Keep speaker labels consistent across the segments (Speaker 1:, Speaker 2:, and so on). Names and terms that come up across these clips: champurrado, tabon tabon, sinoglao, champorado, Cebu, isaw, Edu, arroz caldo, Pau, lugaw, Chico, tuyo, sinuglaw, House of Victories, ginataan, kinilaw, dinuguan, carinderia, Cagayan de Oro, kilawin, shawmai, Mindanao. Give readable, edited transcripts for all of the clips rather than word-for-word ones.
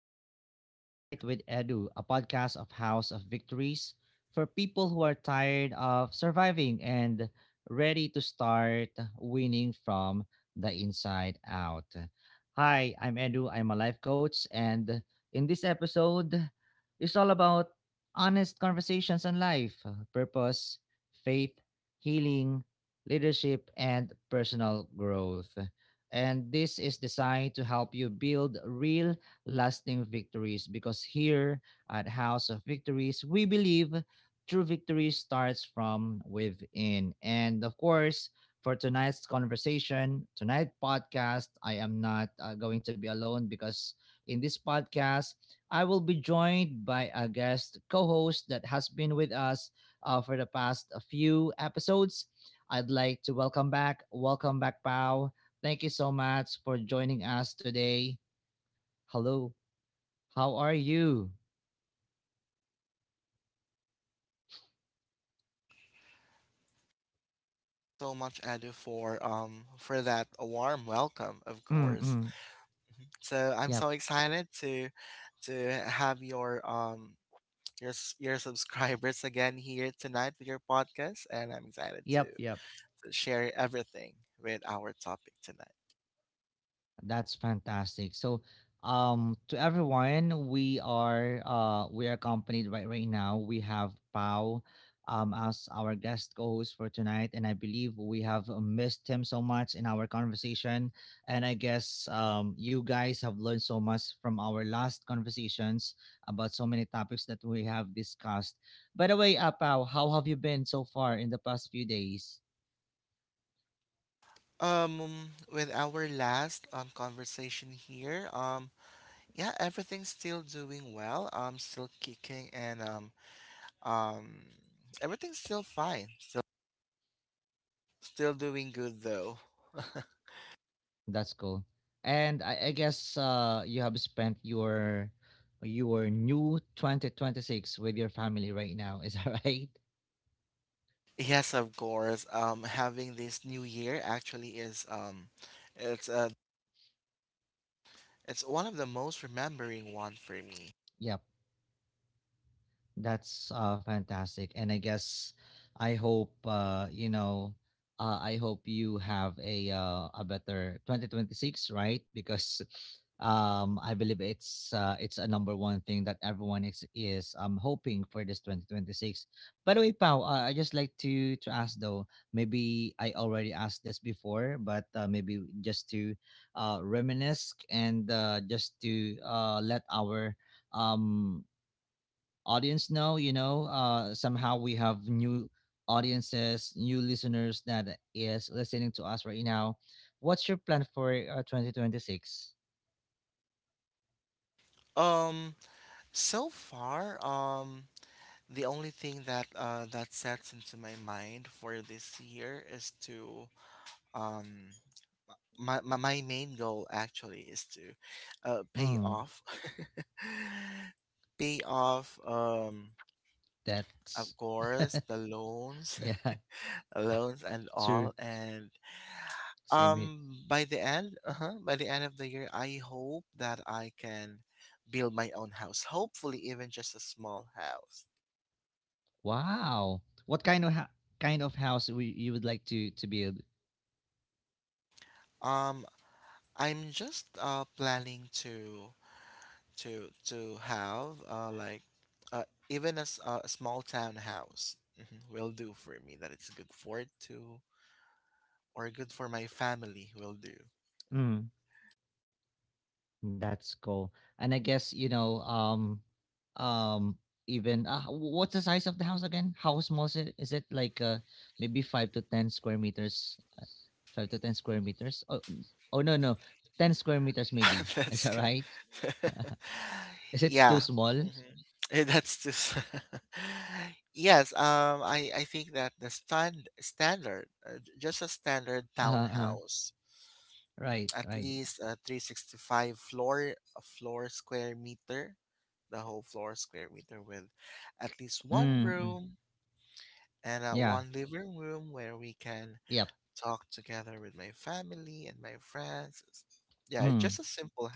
Speaker 1: Welcome to Tonight with Edu, a podcast of House of Victories for people who are tired of surviving and ready to start winning from the inside out. Hi, I'm Edu. I'm a life coach. And in this episode, it's all about honest conversations on life, purpose, faith, healing, leadership, and personal growth. And this is designed to help you build real lasting victories because here at House of Victories, we believe true victory starts from within. And of course, for tonight's conversation, tonight podcast, I am not going to be alone because in this podcast, I will be joined by a guest co-host that has been with us for the past few episodes. I'd like to welcome back, Pau. Thank you so much for joining us today. Hello. How are you?
Speaker 2: You so much, Edu, for that warm welcome, of course.
Speaker 1: Mm-mm.
Speaker 2: So I'm
Speaker 1: Yep.
Speaker 2: so excited to have your subscribers again here tonight with your podcast, and I'm excited to
Speaker 1: Yep. Yep.
Speaker 2: to share everything with our topic tonight.
Speaker 1: That's fantastic. So, to everyone, we are accompanied right now. We have Pau, as our guest co-host for tonight, and I believe we have missed him so much in our conversation. And I guess you guys have learned so much from our last conversations about so many topics that we have discussed. By the way, Pau, how have you been so far in the past few days?
Speaker 2: With our last conversation here, yeah, everything's still doing well. Still kicking, and um, everything's still fine. Still doing good though.
Speaker 1: That's cool. And I guess you have spent your new 2026 with your family right now. Is that right?
Speaker 2: Yes, of course. Having this new year actually is it's uh, it's one of the most remembering one for me.
Speaker 1: Yep. That's fantastic. And I guess I hope I hope you have a better 2026, right? Because I believe it's a number one thing that everyone is hoping for this 2026. By the way, Pau, I just like to ask though, maybe I already asked this before, but maybe just to reminisce and just to let our um audience know, you know, somehow we have new audiences, new listeners that is listening to us right now. What's your plan for 2026?
Speaker 2: Um, so far, the only thing that sets into my mind for this year is to um, my, my my main goal actually is to pay
Speaker 1: Mm.
Speaker 2: off pay off of
Speaker 1: That's.
Speaker 2: course the loans
Speaker 1: Yeah.
Speaker 2: loans and
Speaker 1: True.
Speaker 2: all. And
Speaker 1: Same here.
Speaker 2: by the end, uh-huh, by the end of the year, I hope that I can build my own house, hopefully even just a small house.
Speaker 1: Wow. What kind of house you would like to build?
Speaker 2: um I'm just planning to have like, uh even as a small townhouse, will do for me. That it's good for it to, or good for my family, will do.
Speaker 1: Mm. That's cool. And I guess, you know, um even what's the size of the house again? How small is it? Is it like maybe 5 to 10 square meters? 5 to 10 square meters? Oh, mm, oh no, no. 10 square meters maybe. Is
Speaker 2: That's
Speaker 1: that
Speaker 2: good.
Speaker 1: right? Is it too
Speaker 2: Yeah.
Speaker 1: small?
Speaker 2: Mhm. That's just yes, I think that the standard just a standard
Speaker 1: Uh-huh. Uh-huh.
Speaker 2: townhouse, mhm,
Speaker 1: Right,
Speaker 2: at
Speaker 1: right.
Speaker 2: least a 365 floor, a floor square meter, the whole floor square meter with at least one
Speaker 1: Mm, mm.
Speaker 2: room and
Speaker 1: Yeah.
Speaker 2: one living room where we can
Speaker 1: Yep.
Speaker 2: talk together with my family and my friends. Yeah,
Speaker 1: Mm.
Speaker 2: just a simple...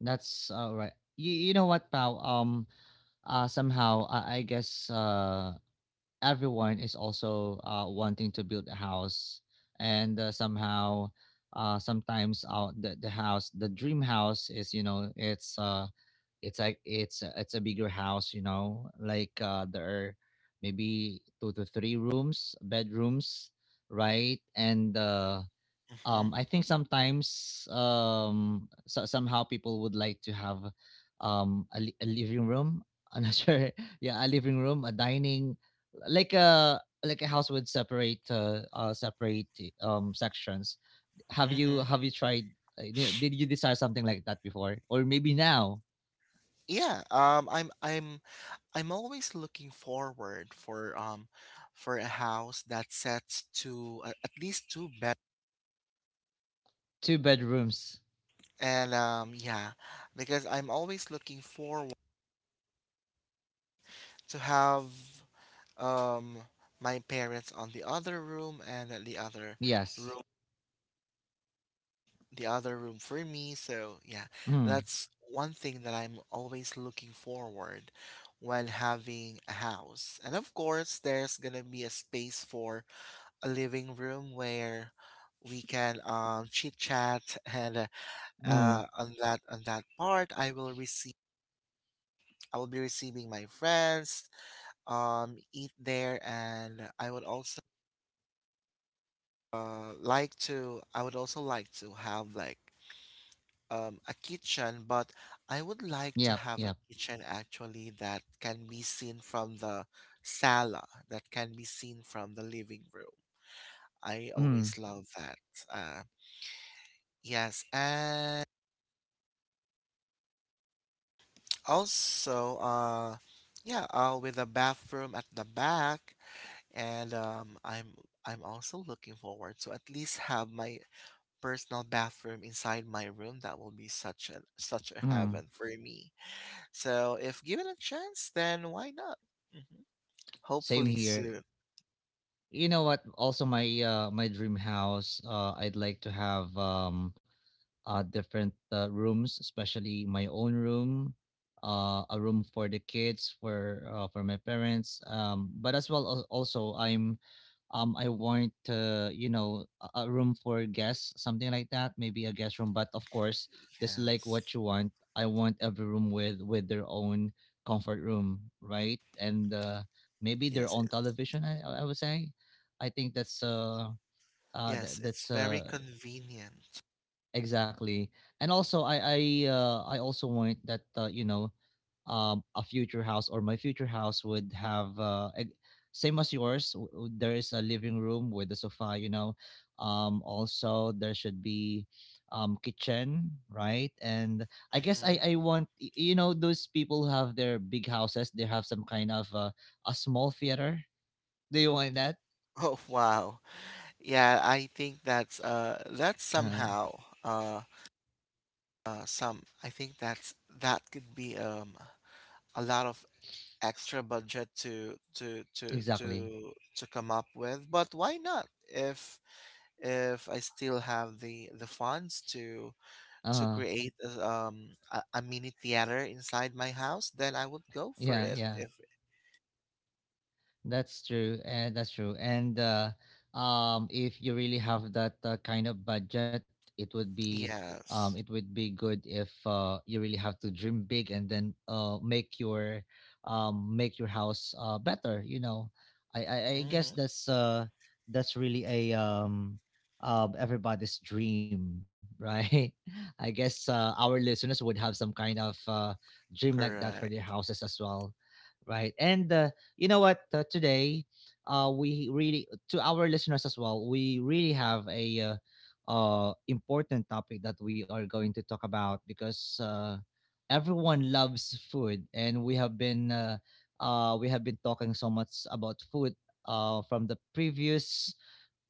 Speaker 1: That's all right. You know what, pal? Somehow I guess everyone is also wanting to build a house and somehow sometimes the house, the dream house, is, you know, it's a bigger house, you know, like there are maybe two to three rooms, bedrooms, right? And I think sometimes somehow people would like to have a living room. I'm not sure. Yeah, a living room, a dining, like a house with separate separate sections. have you
Speaker 2: Mm-hmm.
Speaker 1: have you tried, you know, did you desire something like that before or maybe now?
Speaker 2: Yeah, I'm always looking forward for a house that's set to at least two bed,
Speaker 1: Two bedrooms.
Speaker 2: and yeah, because I'm always looking forward to have um my parents on the other room, and the
Speaker 1: Yes.
Speaker 2: room other room for me. So yeah,
Speaker 1: Mm,
Speaker 2: that's one thing that I'm always looking forward when having a house. And of course there's gonna be a space for a living room where we can chit chat, and
Speaker 1: mm.
Speaker 2: on that part I will receive... I will be receiving my friends, eat there. And I would also like to I would also like to have like a kitchen. But I would like to
Speaker 1: Yep,
Speaker 2: have a
Speaker 1: yep.
Speaker 2: kitchen actually that can be seen from the sala, that can be seen from the living room. I
Speaker 1: Mm,
Speaker 2: always love that. uh yes. And also, yeah, with a bathroom at the back. And I'm... I'm also looking forward to at least have my personal bathroom inside my room. That will be such a
Speaker 1: mm.
Speaker 2: heaven for me. So, if given a chance, then why not? Hmm.
Speaker 1: Same
Speaker 2: Hopefully
Speaker 1: here.
Speaker 2: soon.
Speaker 1: You know what? Also, my my dream house. I'd like to have different rooms, especially my own room, a room for the kids, for my parents. But as well, also I'm I want, you know, a room for guests, something like that, maybe a guest room. But of course, just like
Speaker 2: Yes,
Speaker 1: what you want, I want every room with their own comfort room, right? And maybe their
Speaker 2: yes,
Speaker 1: own
Speaker 2: it...
Speaker 1: television. I would say, I think that's
Speaker 2: yes.
Speaker 1: that, that's
Speaker 2: It's very
Speaker 1: uh.
Speaker 2: convenient.
Speaker 1: Exactly. And also I also want that, you know, a future house, or my future house, would have same as yours, there is a living room with a sofa, you know. Also there should be kitchen, right? And I guess i
Speaker 2: Hmm.
Speaker 1: i want, you know, those people who have their big houses, they have some kind of a small theater. Do you want that?
Speaker 2: Oh wow. Yeah, I think that's
Speaker 1: Uh,
Speaker 2: somehow uh some. I think that's that could be a lot of extra budget
Speaker 1: exactly.
Speaker 2: to come up with. But why not? If I still have the funds to
Speaker 1: Uh,
Speaker 2: create a mini theater inside my house, then I would go for
Speaker 1: yeah,
Speaker 2: it.
Speaker 1: yeah.
Speaker 2: If...
Speaker 1: That's true. And if you really have that kind of budget, it would be it
Speaker 2: yes,
Speaker 1: would be good if you really have to dream big and then make your house better. You know, I guess
Speaker 2: mm-hmm.
Speaker 1: that's really a everybody's dream, right? I guess our listeners would have some kind of dream like that for their
Speaker 2: Correct.
Speaker 1: houses as well, right? And you know what? Today, we really, to our listeners as well, we really have a important topic that we are going to talk about because everyone loves food, and we have been talking so much about food from the previous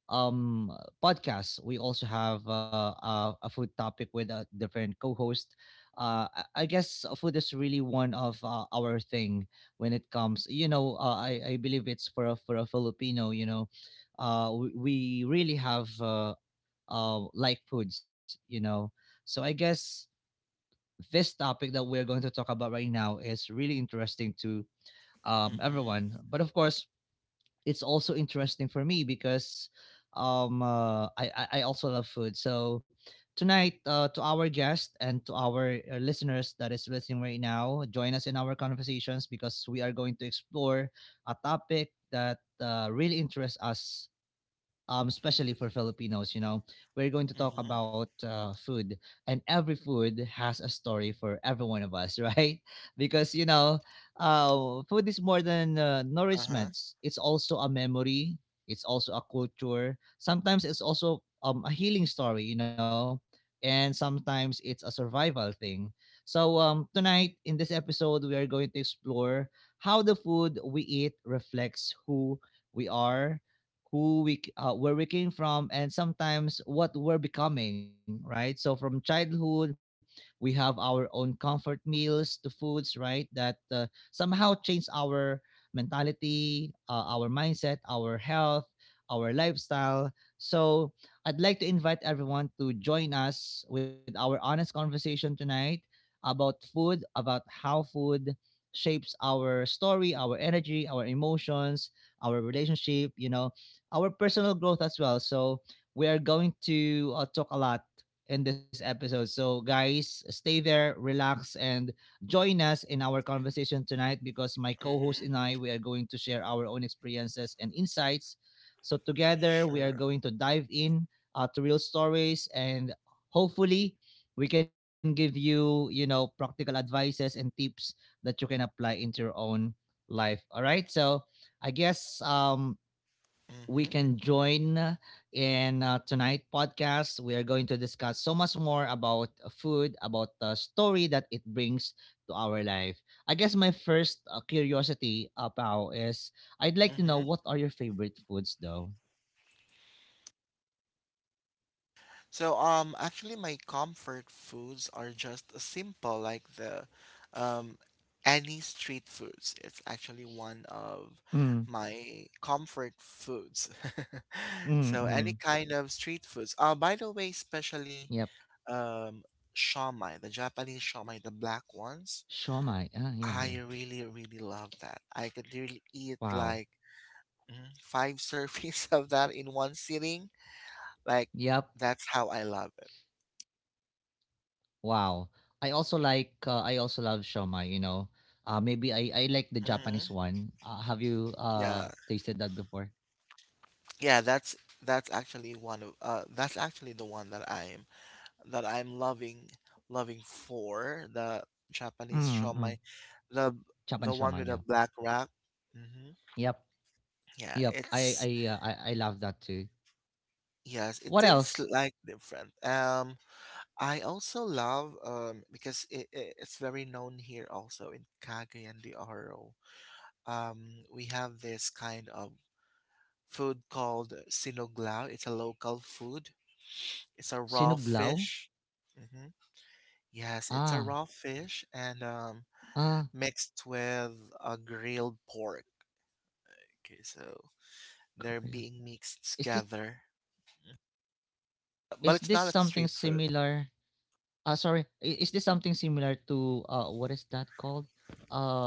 Speaker 1: um podcast. We also have a food topic with a different co-host. uh I guess food is really one of our thing. When it comes, you know, I believe it's for a, for a Filipino, you know, we really have like foods, you know. So I guess this topic that we're going to talk about right now is really interesting to
Speaker 2: Mm-hmm.
Speaker 1: everyone, but of course it's also interesting for me because I also love food. So tonight, to our guest and to our listeners that is listening right now, join us in our conversations because we are going to explore a topic that really interests us, especially for Filipinos. You know, we're going to talk
Speaker 2: Mm-hmm.
Speaker 1: about food, and every food has a story for every one of us, right? Because, you know, food is more than
Speaker 2: Uh-huh.
Speaker 1: nourishment. It's also a memory. It's also a culture. Sometimes it's also a healing story, you know, and sometimes it's a survival thing. So tonight in this episode, we are going to explore how the food we eat reflects who we are, where we came from, and sometimes what we're becoming, right? So from childhood, we have our own comfort meals, to foods, right, that somehow change our mentality, our mindset, our health, our lifestyle. So I'd like to invite everyone to join us with our honest conversation tonight about food, about how food shapes our story, our energy, our emotions, our relationship, you know, our personal growth as well. So we are going to talk a lot in this episode. So guys, stay there, relax, and join us in our conversation tonight because my co-host
Speaker 2: Mm-hmm.
Speaker 1: and I, we are going to share our own experiences and insights. So together we are
Speaker 2: Sure.
Speaker 1: going to dive in to real stories and hopefully we can give you, you know, practical advices and tips that you can apply into your own life. All right, so I guess we
Speaker 2: Mm-hmm.
Speaker 1: can join in tonight podcast. We are going to discuss so much more about food, about the story that it brings to our life. I guess my first curiosity, Pao, is I'd like to know
Speaker 2: Mm-hmm.
Speaker 1: what are your favorite foods, though.
Speaker 2: So actually my comfort foods are just simple, like the um any street foods. It's actually one of
Speaker 1: Mm,
Speaker 2: my comfort foods.
Speaker 1: mm,
Speaker 2: So any
Speaker 1: mm.
Speaker 2: kind of street foods. By the way, especially
Speaker 1: Yep,
Speaker 2: um shawmai, the Japanese shawmai, the black ones.
Speaker 1: shawmai. Ah, yeah,
Speaker 2: I
Speaker 1: yeah.
Speaker 2: really really love that. I could really eat
Speaker 1: Wow.
Speaker 2: like, mm, five servings of that in one sitting. Like,
Speaker 1: Yep.
Speaker 2: that's how I love it.
Speaker 1: Wow. I also like. I also love shawmai. You know. Maybe I like the Japanese
Speaker 2: Mhm.
Speaker 1: one. Have you
Speaker 2: Yeah,
Speaker 1: tasted that before?
Speaker 2: yeah, that's actually one of that's actually the one that I'm loving, for the Japanese
Speaker 1: Mm-mm.
Speaker 2: shomai, the
Speaker 1: Japan
Speaker 2: the one
Speaker 1: Shama,
Speaker 2: with the
Speaker 1: yeah.
Speaker 2: black wrap. Mm-hmm.
Speaker 1: Yep.
Speaker 2: Yeah,
Speaker 1: Yep.
Speaker 2: it's...
Speaker 1: I love that too.
Speaker 2: yes, it
Speaker 1: What
Speaker 2: tastes
Speaker 1: else?
Speaker 2: like different. I also love, because it, it's very known here also in Kagay and the Oro. We have this kind of food called sinoglao. It's a local food. It's a raw
Speaker 1: Sinuglaw?
Speaker 2: fish. Hmm. Yes, it's a
Speaker 1: Ah.
Speaker 2: raw fish and
Speaker 1: Ah,
Speaker 2: mixed with a grilled pork. Okay, so they're
Speaker 1: Korea.
Speaker 2: being mixed
Speaker 1: Is this,
Speaker 2: together. But
Speaker 1: is
Speaker 2: it's
Speaker 1: this
Speaker 2: not a
Speaker 1: something
Speaker 2: street food.
Speaker 1: similar? Ah, sorry, is this something similar to uh, what is that called?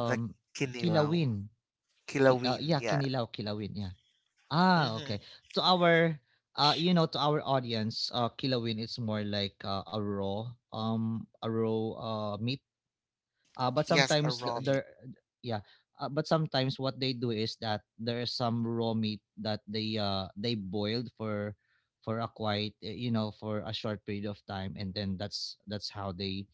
Speaker 2: The kinilaw.
Speaker 1: kilawin. Ki,
Speaker 2: Kilawin,
Speaker 1: yeah,
Speaker 2: yeah.
Speaker 1: kinilaw, kilawin, yeah. Ah,
Speaker 2: Mm-hmm.
Speaker 1: okay. To our you know, to our audience, kilawin is more like a raw meat. But
Speaker 2: Yes, a
Speaker 1: sometimes
Speaker 2: raw meat.
Speaker 1: there, yeah. But sometimes what they do is that there is some raw meat that they boiled for a quite you know, for a short period of time, and then that's how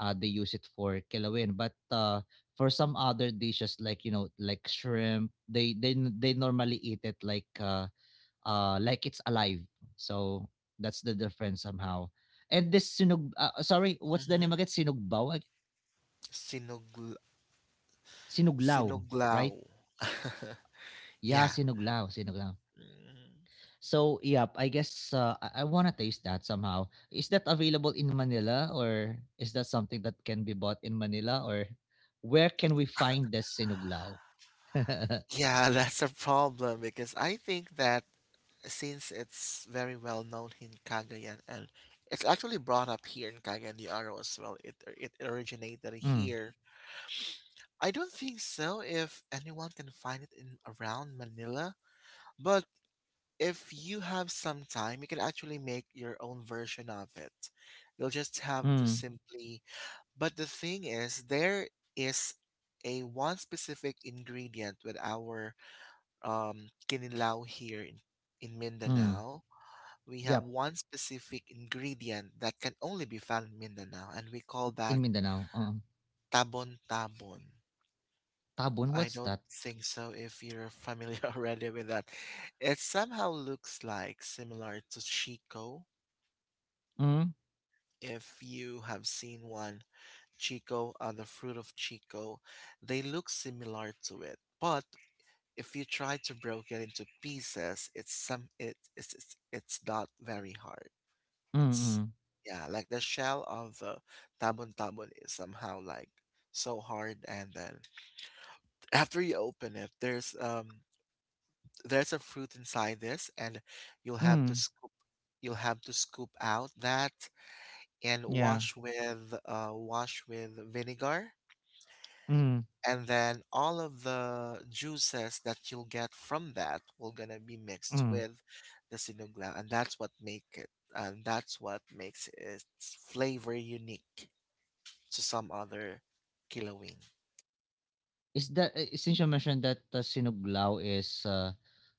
Speaker 1: they use it for kilawin, but for some other dishes, like, you know, like shrimp, they they normally eat it like it's alive. So that's the difference somehow. And this sinug sorry, what's the
Speaker 2: Mm-hmm.
Speaker 1: name again, sinugbaw,
Speaker 2: Sinugl...
Speaker 1: Sinuglaw,
Speaker 2: sinuglaw.
Speaker 1: right? Yeah,
Speaker 2: Yeah.
Speaker 1: sinuglaw, sinuglaw.
Speaker 2: Mhm.
Speaker 1: So, yep, I guess I want to taste that somehow. Is that available in Manila, or is that something that can be bought in Manila, or where can we find this sinuglaw? Mm.
Speaker 2: Yeah, that's a problem because I think that since it's very well known in Cagayan, and it's actually brought up here in Cagayan de Oro as well. It originated here. I don't think so if anyone can find it in around Manila, but if you have some time, you can actually make your own version of it. You'll just have to
Speaker 1: Mm.
Speaker 2: simply... but the thing is there is a one specific ingredient with our kinilaw here in
Speaker 1: Mm.
Speaker 2: Mindanao. We have
Speaker 1: Yep,
Speaker 2: one specific ingredient that can only be found in Mindanao, and we call
Speaker 1: in
Speaker 2: that
Speaker 1: Mindanao.
Speaker 2: tabon tabon.
Speaker 1: Tabon,
Speaker 2: I
Speaker 1: what's
Speaker 2: don't
Speaker 1: that?
Speaker 2: think so if you're familiar already with that. It somehow looks like similar to Chico.
Speaker 1: Mm.
Speaker 2: If you have seen one, Chico, the fruit of Chico, they look similar to it. But if you try to break it into pieces, it's some it, it's, it's not very hard.
Speaker 1: Mm.
Speaker 2: It's...
Speaker 1: Mm.
Speaker 2: yeah, like the shell of the tabon tabon is somehow like so hard, and then after you open it, there's a fruit inside this, and you'll have to
Speaker 1: Mm.
Speaker 2: scoop... you'll have to scoop out that and
Speaker 1: Yeah.
Speaker 2: wash with vinegar.
Speaker 1: Mm.
Speaker 2: And then all of the juices that you'll get from that will gonna be mixed
Speaker 1: Mm.
Speaker 2: with the sinugla, and that's what makes its flavor unique to some other kilawin.
Speaker 1: Is that, since you mentioned that, sinuglaw is,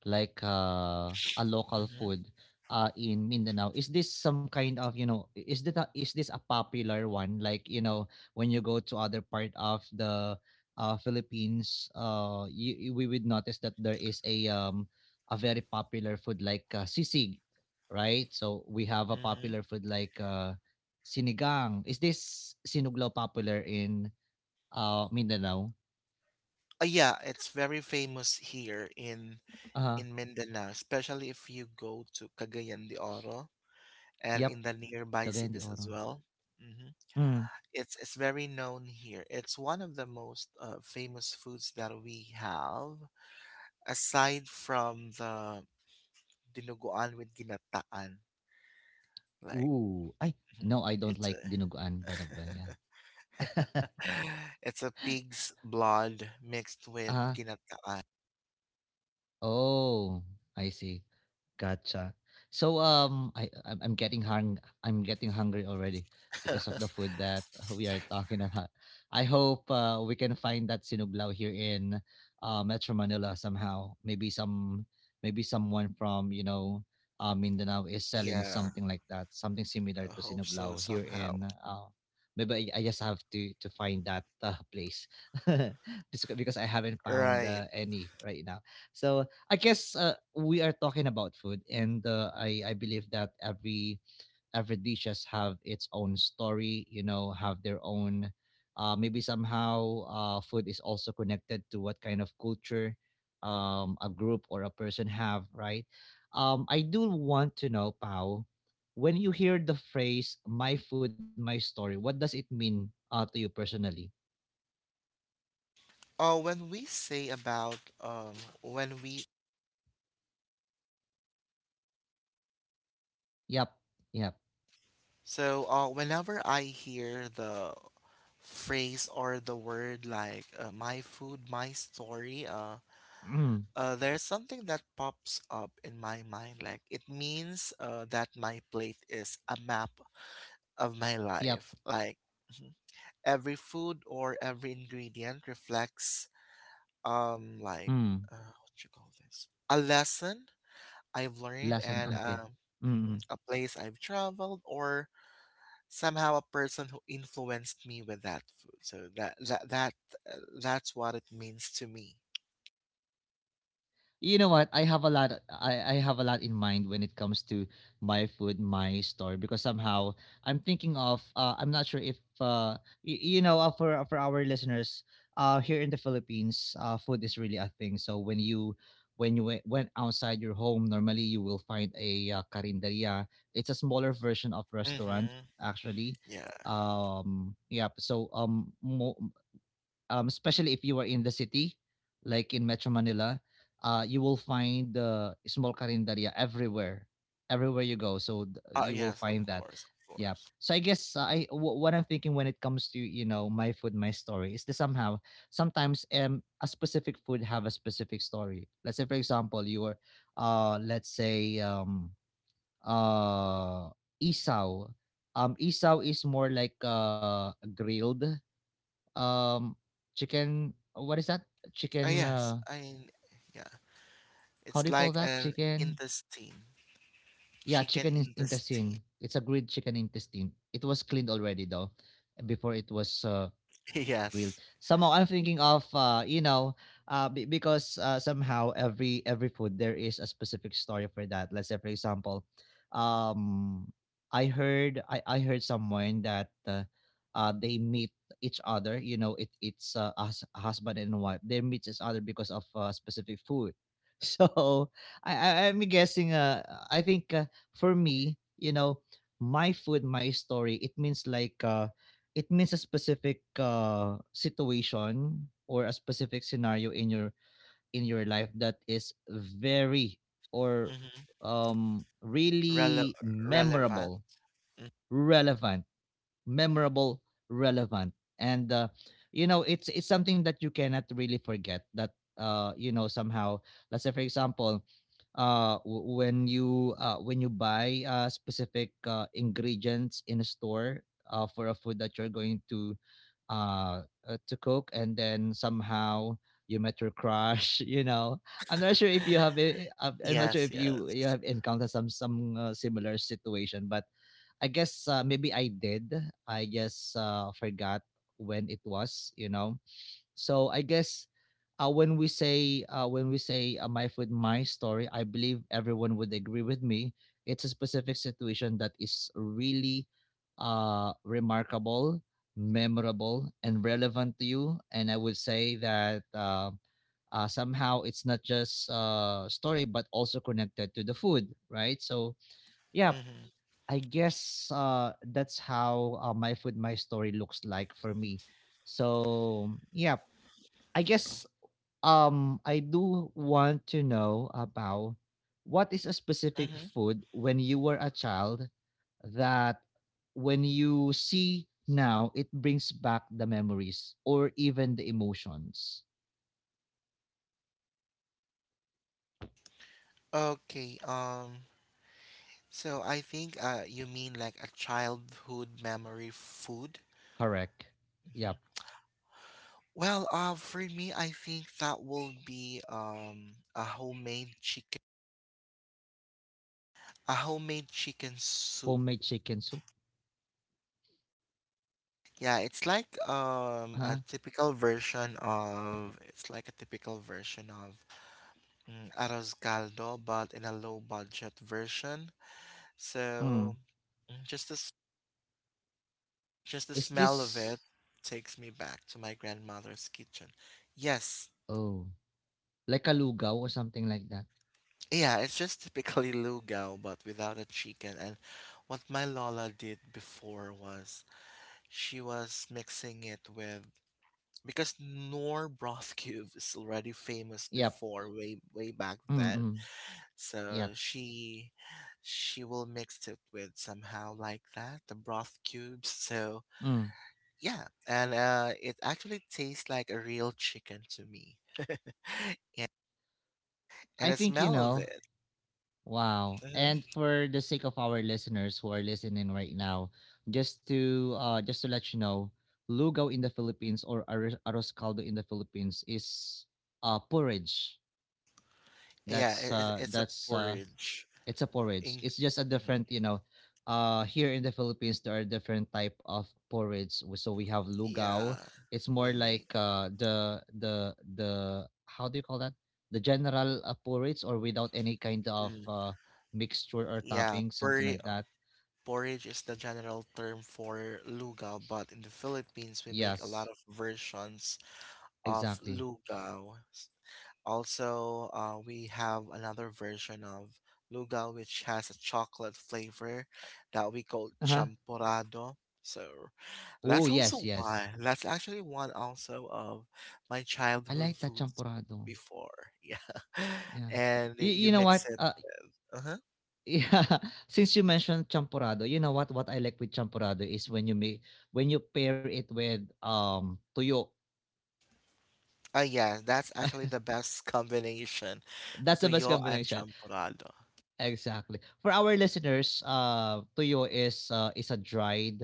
Speaker 1: like, a local
Speaker 2: Mm-hmm.
Speaker 1: food, in Mindanao, is this some kind of, I is that a is this a popular one? Like, when you go to other part of the, Philippines, you we would notice that there is a very popular food like, sisig, right? So we have a
Speaker 2: Mm-hmm.
Speaker 1: popular food like, sinigang. Is this sinuglaw popular in, Mindanao?
Speaker 2: Yeah, it's very famous here
Speaker 1: Uh-huh.
Speaker 2: in Mindanao, especially if you go to Cagayan de Oro and
Speaker 1: Yup,
Speaker 2: in the nearby
Speaker 1: Cagayan de
Speaker 2: cities as
Speaker 1: Oro.
Speaker 2: well. Hmm.
Speaker 1: Mm.
Speaker 2: It's very known here. It's one of the most famous foods that we have, aside from the dinuguan with ginataan. Like,
Speaker 1: Ooh, ay,
Speaker 2: hmm,
Speaker 1: no, I don't
Speaker 2: it's a
Speaker 1: like dinuguan, by the way. Yeah.
Speaker 2: it's a pig's blood mixed with
Speaker 1: Ah,
Speaker 2: ginataan.
Speaker 1: oh, I see. Gotcha. So I'm getting hungry already because of the food that we are talking about. I hope we can find that sinuglaw here in Metro Manila somehow. Maybe someone from, Mindanao is selling
Speaker 2: Yeah.
Speaker 1: something like that, something similar
Speaker 2: I
Speaker 1: to
Speaker 2: hope so
Speaker 1: sinuglaw here
Speaker 2: somehow.
Speaker 1: in maybe I just have to find that place because I haven't found
Speaker 2: Right.
Speaker 1: any right now. So I guess we are talking about food, and I believe that every dishes have its own story. You know, have their own. Maybe somehow food is also connected to what kind of culture a group or a person have, right? I do want to know, Pau, when you hear the phrase "my food, my story," what does it mean to you personally?
Speaker 2: Oh, when we say about when we
Speaker 1: Yep. Yep.
Speaker 2: so whenever I hear the phrase or the word like, my food, my story,
Speaker 1: Mm.
Speaker 2: there's something that pops up in my mind, like it means that my plate is a map of my
Speaker 1: Yep.
Speaker 2: life. Like, mhm, every food or every ingredient reflects um like
Speaker 1: Mm.
Speaker 2: what you call this? A lesson I've learned.
Speaker 1: Lesson.
Speaker 2: And
Speaker 1: Okay. Mm.
Speaker 2: mhm,
Speaker 1: Mm.
Speaker 2: a place I've traveled, or somehow a person who influenced me with that food. So that's what it means to me.
Speaker 1: You know what? I have a lot in mind when it comes to my food, my store, because somehow I'm thinking of I'm not sure if you know, for our listeners, here in the Philippines, food is really a thing. So when you went outside your home, normally you will find a carinderia. It's a smaller version of restaurant,
Speaker 2: Mm-hmm.
Speaker 1: actually.
Speaker 2: Yeah.
Speaker 1: Yeah, so especially if you are in the city, like in Metro Manila, you will find the small karinderya everywhere, everywhere you go. So you will
Speaker 2: Yes, of
Speaker 1: find that.
Speaker 2: course, of
Speaker 1: Yeah.
Speaker 2: course.
Speaker 1: So I guess what I'm thinking when it comes to my food, my story is that somehow sometimes a specific food have a specific story. Let's say, for example, you are, let's say uh isaw. Isaw is more like grilled, um, chicken. What is that? Chicken.
Speaker 2: Yes, I mean, yeah.
Speaker 1: How
Speaker 2: It's
Speaker 1: do you call
Speaker 2: like
Speaker 1: that?
Speaker 2: an
Speaker 1: Chicken.
Speaker 2: intestine,
Speaker 1: Yeah,
Speaker 2: chicken
Speaker 1: chicken
Speaker 2: intestine.
Speaker 1: intestine. It's a grilled chicken intestine. It was cleaned already, though, before it was, real.
Speaker 2: Yes.
Speaker 1: Somehow I'm thinking of because somehow every food there is a specific story for that. Let's say, for example, um, I heard someone that they meet each other. You know, it's us husband and wife. They meet each other because of specific food. So I'm guessing. I think for me, my food, my story, it means like it means a specific, situation or a specific scenario in your life that is very, or,
Speaker 2: Mm-hmm. Rele-...
Speaker 1: really
Speaker 2: relevant.
Speaker 1: memorable,
Speaker 2: Mm.
Speaker 1: relevant, memorable, relevant, and you know, it's something that you cannot really forget. That, somehow, let's say, for example, when you, buy specific ingredients in a store, for a food that you're going to, to cook, and then somehow you met your crush. You know, I'm not sure if you have it. I'm not
Speaker 2: Yes,
Speaker 1: sure if
Speaker 2: yes.
Speaker 1: you have encountered some similar situation, but I guess maybe I did. I just forgot when it was, you know. So I guess, when we say, my food, my story, I believe everyone would agree with me. It's a specific situation that is really, remarkable, memorable, and relevant to you. And I would say that somehow it's not just story, but also connected to the food, right? So yeah,
Speaker 2: Mm-hmm.
Speaker 1: I guess that's how, my food my story looks like for me. So yeah, I guess I do want to know about what is a specific
Speaker 2: Mm-hmm.
Speaker 1: food when you were a child that, when you see now, it brings back the memories or even the emotions.
Speaker 2: Okay. So I think, you mean like a childhood memory food?
Speaker 1: Correct. Yep.
Speaker 2: Hmm. Well, for me, I think that will be a homemade chicken soup.
Speaker 1: Homemade chicken soup.
Speaker 2: Yeah, it's like
Speaker 1: Huh?
Speaker 2: a typical version of it's like a typical version of, mm, arroz caldo, but in a low budget version.
Speaker 1: Mm.
Speaker 2: So, mm, just the s-... just the
Speaker 1: Is
Speaker 2: smell of
Speaker 1: this
Speaker 2: it takes me back to my grandmother's kitchen. Yes.
Speaker 1: Oh, like a lugaw or something like that?
Speaker 2: Yeah, it's just typically lugao but without a chicken. And what my Lola did before was she was mixing it with, because Noor broth cube is already famous
Speaker 1: Yep.
Speaker 2: before way way back then.
Speaker 1: Mm, yep.
Speaker 2: So she will mix it with somehow like that, the broth cubes. So
Speaker 1: Mm.
Speaker 2: yeah, and it actually tastes like a real chicken to me. And
Speaker 1: I
Speaker 2: the
Speaker 1: think, you
Speaker 2: smell of
Speaker 1: know.
Speaker 2: it.
Speaker 1: Wow.
Speaker 2: Mhm.
Speaker 1: And for the sake of our listeners who are listening right now, just to let you know, lugaw in the Philippines, or arroz caldo in the Philippines, is porridge.
Speaker 2: Yeah, it- it's a
Speaker 1: That's
Speaker 2: porridge.
Speaker 1: It's a
Speaker 2: In
Speaker 1: porridge. It's just a
Speaker 2: mhm.
Speaker 1: different, you know. Here in the Philippines there are different type of porridge. So we have
Speaker 2: Yeah,
Speaker 1: lugao. It's
Speaker 2: we
Speaker 1: more like
Speaker 2: make.
Speaker 1: the how do you call that? The general porridge, or without any kind of
Speaker 2: Mm.
Speaker 1: mixture or
Speaker 2: Yeah,
Speaker 1: topping, something
Speaker 2: porri-,
Speaker 1: like that.
Speaker 2: porridge is the general term for lugaw, but in the Philippines we make a lot
Speaker 1: Yes,
Speaker 2: of versions of
Speaker 1: exactly.
Speaker 2: lugaw. Also, we have another version of lugaw which has a chocolate flavor that we call
Speaker 1: Uh-huh.
Speaker 2: champorado. So
Speaker 1: Oh,
Speaker 2: that's
Speaker 1: yes,
Speaker 2: also
Speaker 1: yes.
Speaker 2: one. That's actually one also of my
Speaker 1: I
Speaker 2: childhood
Speaker 1: like that
Speaker 2: foods
Speaker 1: champurrado.
Speaker 2: before. Yeah.
Speaker 1: Yeah.
Speaker 2: And you
Speaker 1: You know
Speaker 2: mix
Speaker 1: what?
Speaker 2: it. Uh-huh.
Speaker 1: Yeah, since you mentioned champorado, you know what I like with champorado is when you pair it with tuyo.
Speaker 2: Oh, yeah, that's actually the best combination.
Speaker 1: That's the best
Speaker 2: Tuyo and
Speaker 1: combination.
Speaker 2: champorado.
Speaker 1: Exactly. For our listeners, tuyo is, a dried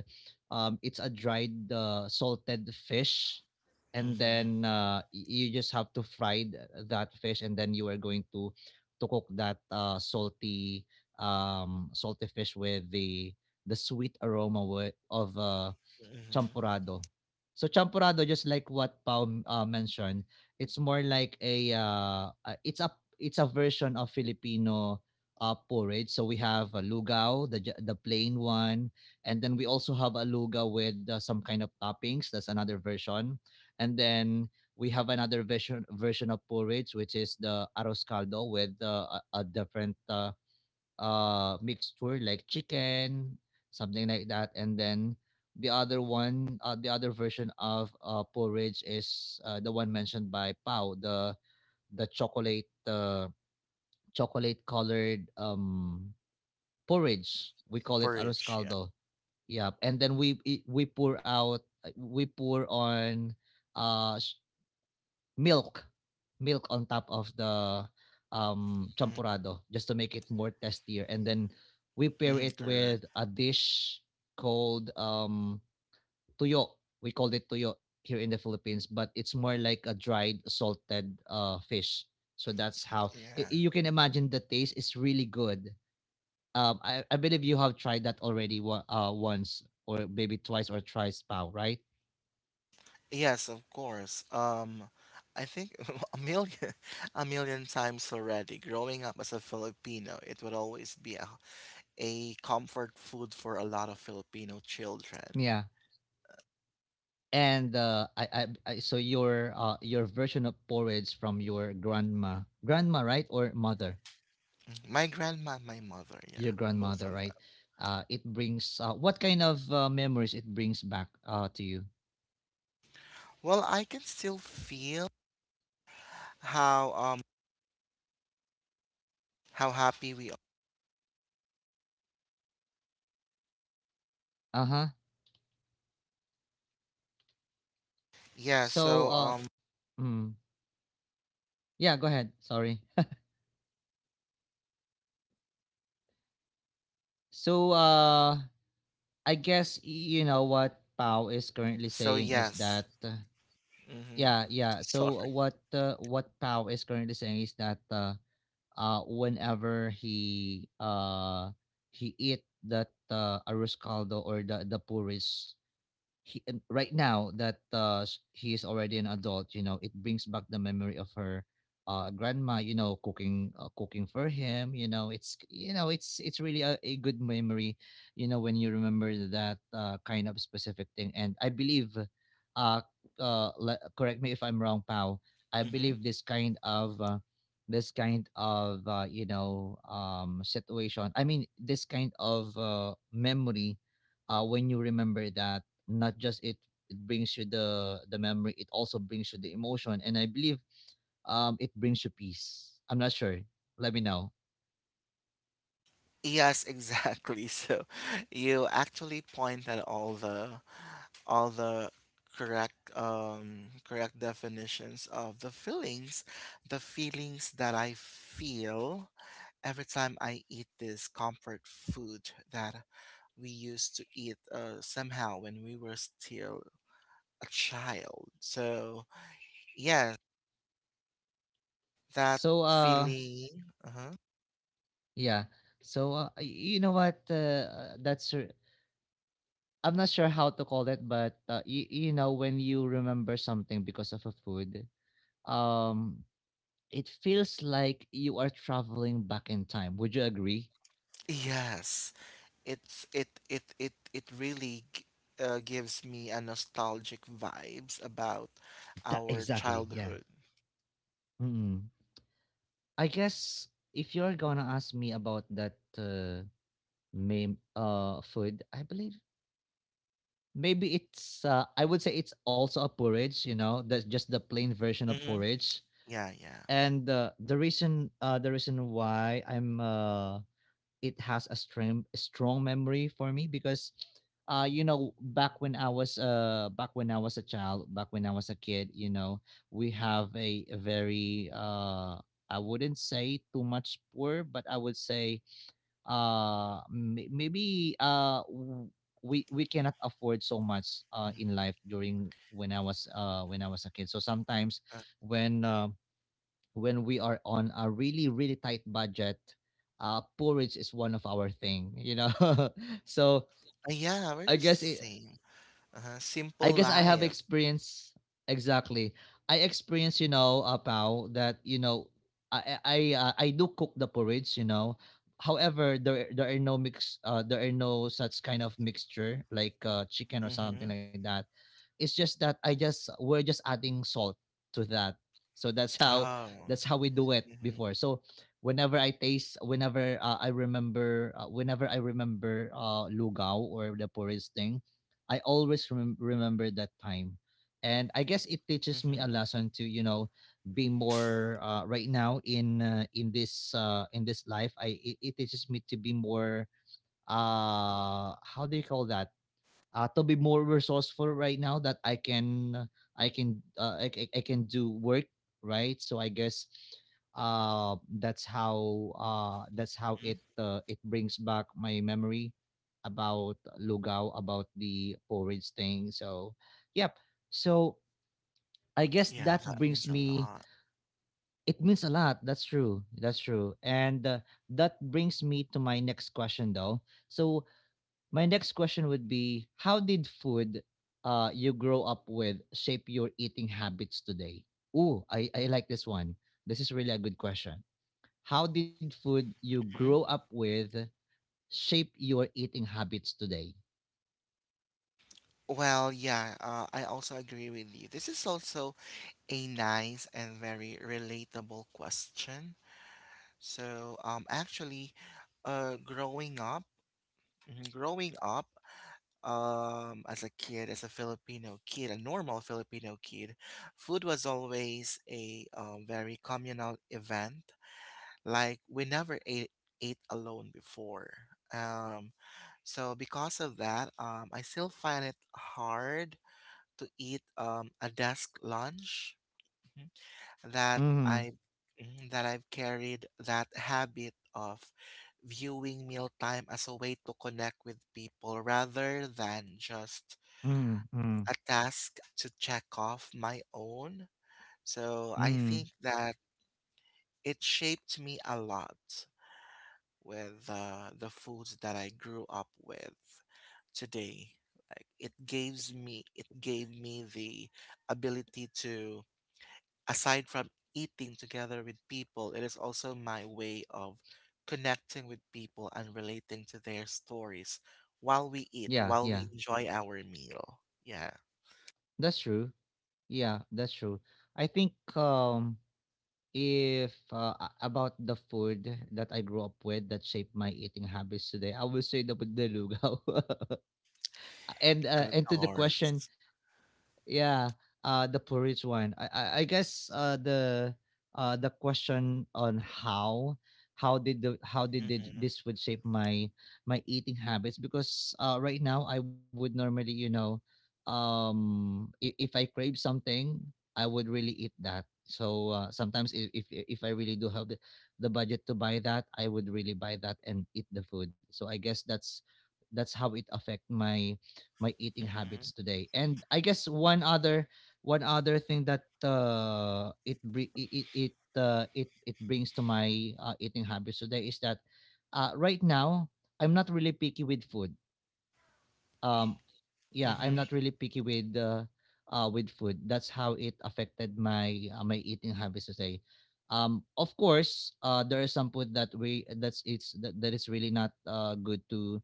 Speaker 1: it's a dried, salted fish, and
Speaker 2: Mm-hmm.
Speaker 1: then you just have to fry that fish, and then you are going to cook that salty fish with the sweet aroma of
Speaker 2: Mm-hmm.
Speaker 1: champurado. So champurado, just like what Pao mentioned, it's more like a it's a it's a version of Filipino, porridge. So we have a lugao, the plain one, and then we also have a luga with, some kind of toppings. That's another version, and then we have another version of porridge, which is the arroz caldo, with a different mixture, like chicken, something like that. And then the other one, the other version of, porridge, is the one mentioned by Pau, the chocolate, chocolate colored porridge. We call it arroz
Speaker 2: Porridge, yeah.
Speaker 1: caldo. Yeah, and then we we pour out we pour on uh sh- milk, milk on top of the
Speaker 2: Mm-hmm.
Speaker 1: champurado just to make it more tastier, and then we pair
Speaker 2: Mm-hmm,
Speaker 1: it
Speaker 2: correct.
Speaker 1: with a dish called tuyo. We called it tuyo here in the Philippines, but it's more like a dried salted fish. So that's how
Speaker 2: Yeah.
Speaker 1: you can imagine the taste is really good. I believe you have tried that already, once or maybe twice or thrice, Pau, right?
Speaker 2: Yes, of course. I think a million, a million times already. Growing up as a Filipino, it would always be a comfort food for a lot of Filipino children.
Speaker 1: Yeah. And so your, your version of porridge from your grandma, right, or mother,
Speaker 2: My grandma, my mother, yeah,
Speaker 1: your
Speaker 2: both
Speaker 1: grandmother,
Speaker 2: of
Speaker 1: right?
Speaker 2: them.
Speaker 1: It brings, what kind of, memories it brings back, to you?
Speaker 2: Well, I can still feel how um how happy we are.
Speaker 1: Uh huh.
Speaker 2: Yeah.
Speaker 1: So,
Speaker 2: So um.
Speaker 1: mm, yeah, go ahead. Sorry. So, I guess you know what Pau is currently
Speaker 2: So
Speaker 1: saying is that,
Speaker 2: yes. Mm-hmm.
Speaker 1: yeah, yeah. So what Pau is currently saying is that. Whenever he eat that, arroz caldo or the puris, he, and right now that, he is already an adult. It brings back the memory of her grandma cooking, cooking for him. It's really a good memory, when you remember that, kind of specific thing. And I believe uh correct me if I'm wrong, Pal. I
Speaker 2: Sorry.
Speaker 1: believe this kind of, situation, I mean, this kind of, memory, when you remember that, not just it brings you the memory, it also brings you the emotion. And I believe it brings you peace. I'm not sure, let me know.
Speaker 2: Yes, exactly. So you actually point at all the correct correct definitions of the feelings that I feel every time I eat this comfort food that we used to eat, somehow when we were still a child. So yes, that
Speaker 1: so uh
Speaker 2: feeling. Uh-huh.
Speaker 1: yeah, so, you know what, I'm not sure how to call it, but you know, when you remember something because of a food, um it feels like you are traveling back in time. Would you agree?
Speaker 2: Yes. it's it it it it really g- gives me a nostalgic vibes about
Speaker 1: That,
Speaker 2: our
Speaker 1: exactly. Yeah.
Speaker 2: childhood.
Speaker 1: mm I guess, if you're gonna ask me about that, may food, I believe. Maybe it's I would say it's also a porridge, you know, that's just the plain version of
Speaker 2: Hmm.
Speaker 1: porridge.
Speaker 2: Yeah, yeah.
Speaker 1: And The reason the reason why I'm it has a strong memory for me, because you know, back when I was a child, back when I was a kid, you know, we have a very I wouldn't say too much poor, but I would say uh may- maybe uh w- we cannot afford so much
Speaker 2: Mhm.
Speaker 1: in life during when I was a kid. So sometimes
Speaker 2: Uh,
Speaker 1: when uh, when we are on a really tight budget, porridge is one of our thing. So
Speaker 2: yeah, we're
Speaker 1: I
Speaker 2: just the
Speaker 1: guess it,
Speaker 2: same. Uh-huh.
Speaker 1: I
Speaker 2: Simple
Speaker 1: guess I have
Speaker 2: life.
Speaker 1: experience. Exactly. I experienced, you know, Pao, I do cook the porridge, you know. However, there are no there are no such kind of mixture like chicken or
Speaker 2: Mm-hmm.
Speaker 1: something like that. It's just that I just we're just adding salt to that. So
Speaker 2: Oh.
Speaker 1: that's how we do it
Speaker 2: Mm-hmm.
Speaker 1: before. So whenever I taste, whenever I remember, whenever I remember lugao or the porridge thing, I always remember that time. And I guess it teaches me
Speaker 2: Mm-hmm.
Speaker 1: a lesson to, you know, be more right now in this life. It teaches me to be more — how do you call that? To be more resourceful right now that I can do work, right? So I guess that's how — that's how
Speaker 2: Hmm.
Speaker 1: it it brings back my memory about lugao, about the porridge thing. So yep. So I guess
Speaker 2: Yeah,
Speaker 1: that
Speaker 2: that
Speaker 1: brings
Speaker 2: means a
Speaker 1: me —
Speaker 2: lot.
Speaker 1: it means a lot. That's true. And that brings me to my next question though. So my next question would be: how did food you grow up with shape your eating habits today? Ooh, I like this one. This is really a good question. How did food you
Speaker 2: Mhm.
Speaker 1: grow up with shape your eating habits today?
Speaker 2: Well, yeah, I also agree with you. This is also a nice and very relatable question. So, actually, growing up, Mhm. Growing up, as a kid, as a Filipino kid, a normal Filipino kid, food was always a very communal event. Like we never ate alone before. Um, so because of that, I still find it hard to eat a desk lunch that
Speaker 1: Mm-hmm.
Speaker 2: I mhm, that I've carried that habit of viewing mealtime as a way to connect with people rather than just
Speaker 1: Mm, mm,
Speaker 2: a task to check off my own. So I
Speaker 1: mm.
Speaker 2: think that it shaped me a lot with the foods that I grew up with today. Like it gave me the ability to, aside from eating together with people, it is also my way of connecting with people and relating to their stories while we eat,
Speaker 1: Yeah,
Speaker 2: while
Speaker 1: yeah.
Speaker 2: we enjoy our meal. Yeah.
Speaker 1: That's true. Yeah, that's true. I think if, a about the food that I grew up with that shaped my eating habits today, I will say the with the lugaw.
Speaker 2: Of
Speaker 1: And to the
Speaker 2: course.
Speaker 1: question — yeah, the porridge one. I guess the question on how — how did the how did it,
Speaker 2: Hmm.
Speaker 1: this would shape my eating habits, because right now I would normally, you know, if I crave something, I would really eat that. So sometimes if I really do have the budget to buy that, I would really buy that and eat the food. So I guess that's how it affect my eating habits today. And I guess one other thing that it bri- it, it it brings to my eating habits today is that right now I'm not really picky with food. Um yeah, I'm
Speaker 2: Hmm.
Speaker 1: not really picky with food. That's how it affected my my eating habits today. Of course, there is some food that we that's it's that, that is really not good to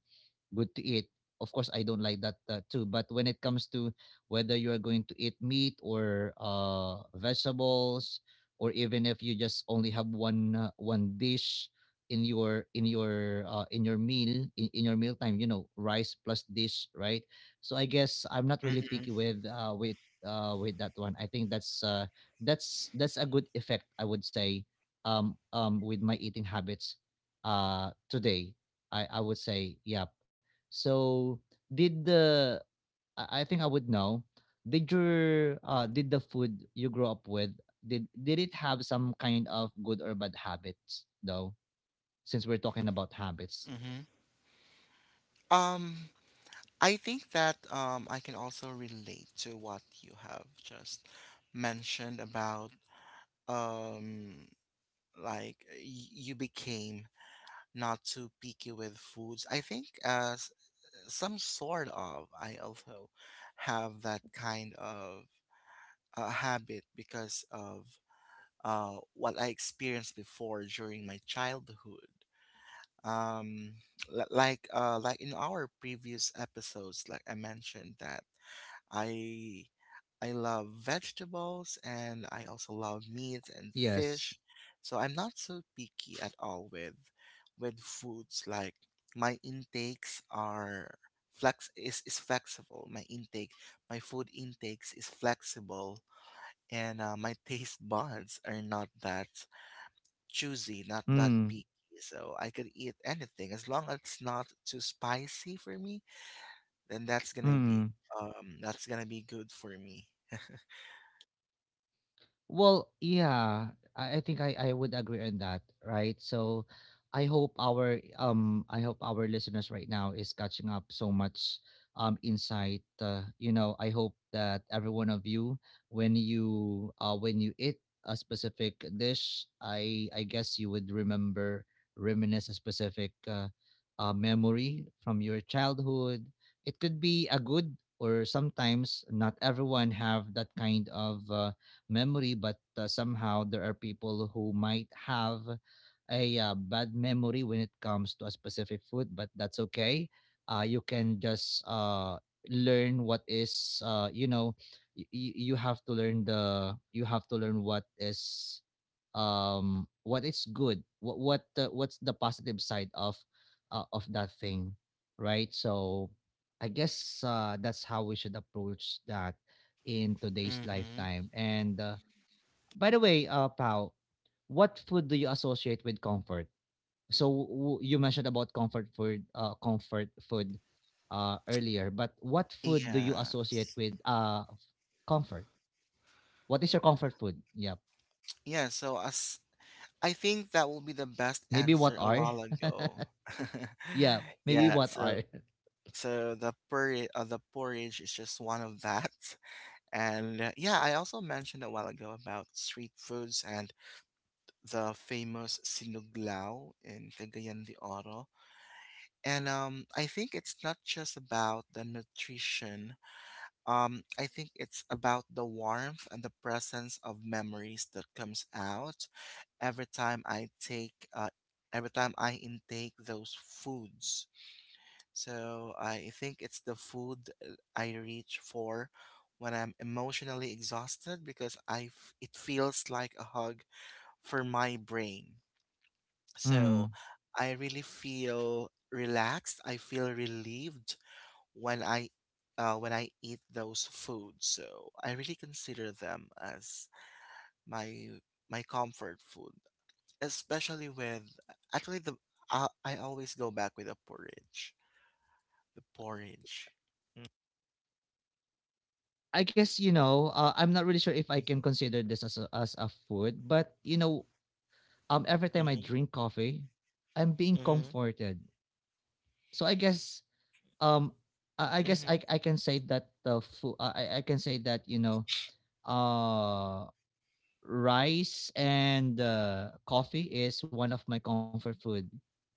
Speaker 1: good to eat. Of course, I don't like that too. But when it comes to whether you are going to eat meat or vegetables, or even if you just only have one dish in your meal in your mealtime, you know, rice plus dish, right? So I guess I'm not really
Speaker 2: Hmm.
Speaker 1: picky with with that one. I think that's that's — that's a good effect, I would say, with my eating habits today. I would say, yeah. So did the I think I would know. Did your did the food you grew up with, did it have some kind of good or bad habits though? Since we're talking about habits.
Speaker 2: Hmm. Um, I think that I can also relate to what you have just mentioned about, um, like you became not too picky with foods. I think, as some sort of, I also have that kind of habit because of what I experienced before during my childhood. um like like in our previous episodes, like I mentioned that i I love vegetables, and I also love meat and
Speaker 1: Yes.
Speaker 2: fish. So I'm not so picky at all with foods. Like my intakes are is flexible. My food intakes is flexible, and my taste buds are not that choosy, not that
Speaker 1: Mm.
Speaker 2: picky. So I could eat anything, as long as it's not too spicy for me, then
Speaker 1: Mm.
Speaker 2: that's gonna be good for me.
Speaker 1: Well, yeah, I think I would agree on that, right? So I hope our listeners right now is catching up so much insight. You know, I hope that every one of you, when you when you eat a specific dish, I guess you would remember, reminisce a specific memory from your childhood. It could be a good, or sometimes not everyone have that kind of memory, but somehow there are people who might have a bad memory when it comes to a specific food, but that's okay. You can just learn what is, you know, you have to learn you have to learn what is good, what's the positive side of that thing, right? So I guess that's how we should approach that in today's
Speaker 2: Mm-hmm.
Speaker 1: lifetime. And by the way, Pao, what food do you associate with comfort? So you mentioned about comfort food earlier, but what food do you associate
Speaker 2: Yes.
Speaker 1: with comfort? What is your comfort food? Yep.
Speaker 2: Yeah, so as I think that will be the best
Speaker 1: Maybe what
Speaker 2: answer a
Speaker 1: are?
Speaker 2: while ago.
Speaker 1: Yeah, maybe
Speaker 2: Yeah,
Speaker 1: what
Speaker 2: so
Speaker 1: are.
Speaker 2: the porridge is just one of that. And yeah, I also mentioned a while ago about street foods and the famous sinuglaw in Cagayan de Oro. And I think it's not just about the nutrition. I think it's about the warmth and the presence of memories that comes out every time I take, every time I intake those foods. So I think it's the food I reach for when I'm emotionally exhausted, because it feels like a hug for my brain. So
Speaker 1: Hmm.
Speaker 2: I really feel relaxed. I feel relieved when I when I eat those foods. So I really consider them as my comfort food, especially with, actually the I always go back with a porridge. The porridge.
Speaker 1: I guess, you know, I'm not really sure if I can
Speaker 2: Mm-hmm.
Speaker 1: consider this as as a food, but you know, every time I
Speaker 2: Mm-hmm.
Speaker 1: drink coffee, I'm being
Speaker 2: Mm-hmm.
Speaker 1: comforted. So I guess, um, I guess I can say that the food. I can say that, you know, uh, rice and coffee is one of my comfort food.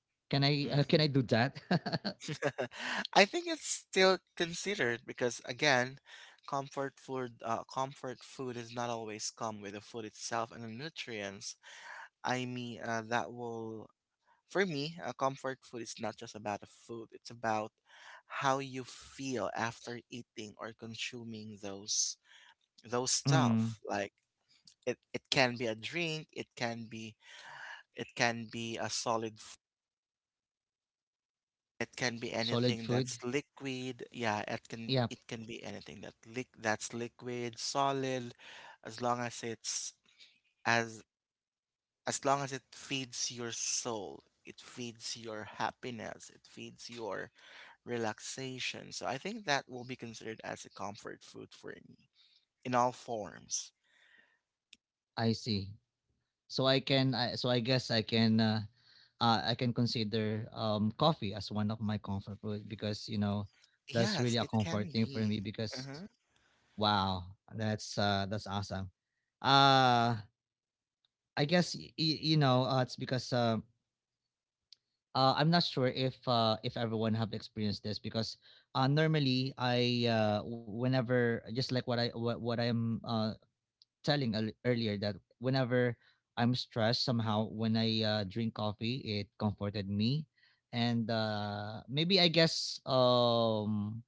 Speaker 1: Can I do
Speaker 2: Mm-hmm.
Speaker 1: that?
Speaker 2: I think it's still considered because, again, comfort food is not always come with the food itself and the nutrients. I mean, that will for me, comfort food is not just about the food. It's about how you feel after eating or consuming those
Speaker 1: Mm.
Speaker 2: stuff. Like it can be a drink, it can be a it can be anything
Speaker 1: Solid
Speaker 2: that's
Speaker 1: food.
Speaker 2: liquid. Yeah, it
Speaker 1: Yep,
Speaker 2: can be anything that lick that's liquid, solid. as long as it's as as long as it feeds your soul, it feeds your happiness, it feeds your relaxation. So I think that will be considered as a comfort food for me, in all forms.
Speaker 1: I see. So I can. So I guess I can. I can consider coffee as one of my comfort food because, you know, that's really
Speaker 2: Yes,
Speaker 1: a
Speaker 2: it
Speaker 1: comfort
Speaker 2: can
Speaker 1: thing for
Speaker 2: be.
Speaker 1: me because —
Speaker 2: Mm-hmm.
Speaker 1: wow, that's awesome. Uh, I guess you know, it's because I'm not sure if everyone have experienced this, because normally I whenever — just like what I am telling earlier, that whenever I'm stressed, somehow when I drink coffee, it comforted me. And maybe I guess,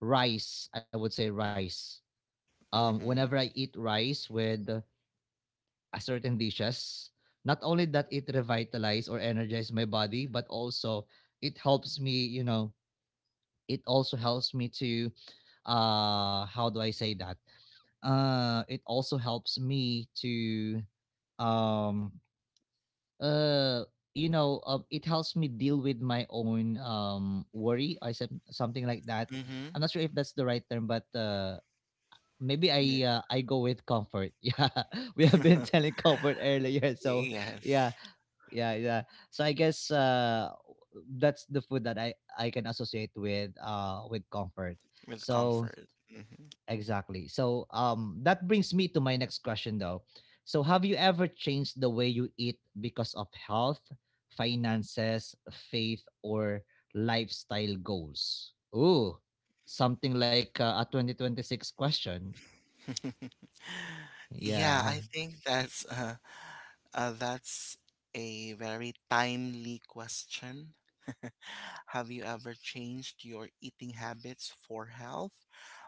Speaker 1: rice — I would say rice, whenever
Speaker 2: Mm-hmm.
Speaker 1: I eat rice with a certain dishes. Not only that it revitalize or energize my body, but also it helps me, you know, it also helps me to — how do I say that? It also helps me to um uh you know, it helps me deal with my own worry, I said, something like that.
Speaker 2: Mm-hmm.
Speaker 1: I'm not sure if that's the right term, but maybe
Speaker 2: Yeah.
Speaker 1: I go with comfort. Yeah, we have been telling comfort earlier, so
Speaker 2: Yes.
Speaker 1: yeah, yeah. So I guess that's the food that I can associate with comfort.
Speaker 2: With
Speaker 1: So
Speaker 2: comfort. Hmm.
Speaker 1: exactly. So that brings me to my next question though. So have you ever changed the way you eat because of health, finances, faith, or lifestyle goals? Ooh, something like a 2026 question.
Speaker 2: Yeah,
Speaker 1: Yeah.
Speaker 2: I think that's a very timely question. Have you ever changed your eating habits for health,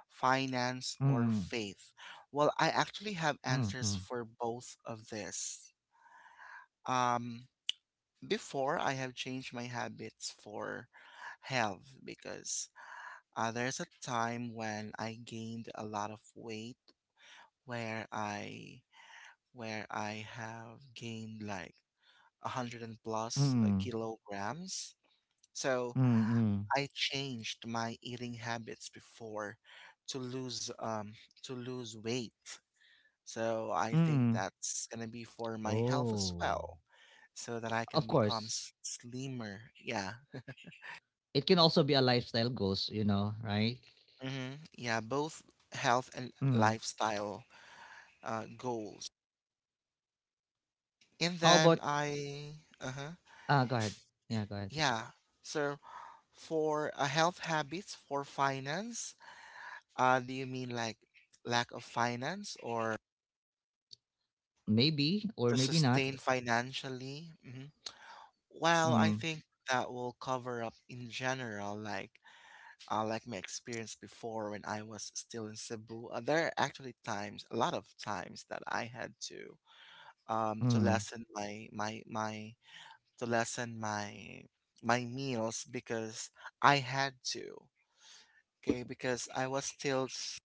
Speaker 2: finance, or
Speaker 1: Mm,
Speaker 2: faith? Well, I actually have
Speaker 1: mm,
Speaker 2: answers
Speaker 1: mm,
Speaker 2: for both of this. Um, Before, I have changed my habits for health, because there's a time when I gained a lot of weight, where I where I have gained like a hundred and plus
Speaker 1: mm,
Speaker 2: kilograms. So
Speaker 1: mm,
Speaker 2: I changed my eating habits before to lose um to lose weight. So I think
Speaker 1: mm.
Speaker 2: that's gonna be for my health as
Speaker 1: Oh.
Speaker 2: well, so that I
Speaker 1: Of
Speaker 2: can become
Speaker 1: course.
Speaker 2: slimmer. Yeah.
Speaker 1: It can also be a lifestyle goals, you know, right?
Speaker 2: Mm-hmm. Yeah, both health and
Speaker 1: Mm.
Speaker 2: lifestyle goals. And
Speaker 1: How
Speaker 2: then
Speaker 1: about —
Speaker 2: I, uh-huh,
Speaker 1: ah? Go ahead. Yeah, go ahead.
Speaker 2: yeah. So for health habits, for finance, do you mean like lack of finance or
Speaker 1: Maybe or
Speaker 2: to
Speaker 1: maybe not.
Speaker 2: sustain financially? Hmm. Well, I
Speaker 1: Mm,
Speaker 2: think that will cover up in general, like my experience before when I was still in Cebu. There are actually times, a lot of times, that I had to
Speaker 1: mm.
Speaker 2: lessen my my my to lessen my meals because I had to. Okay, because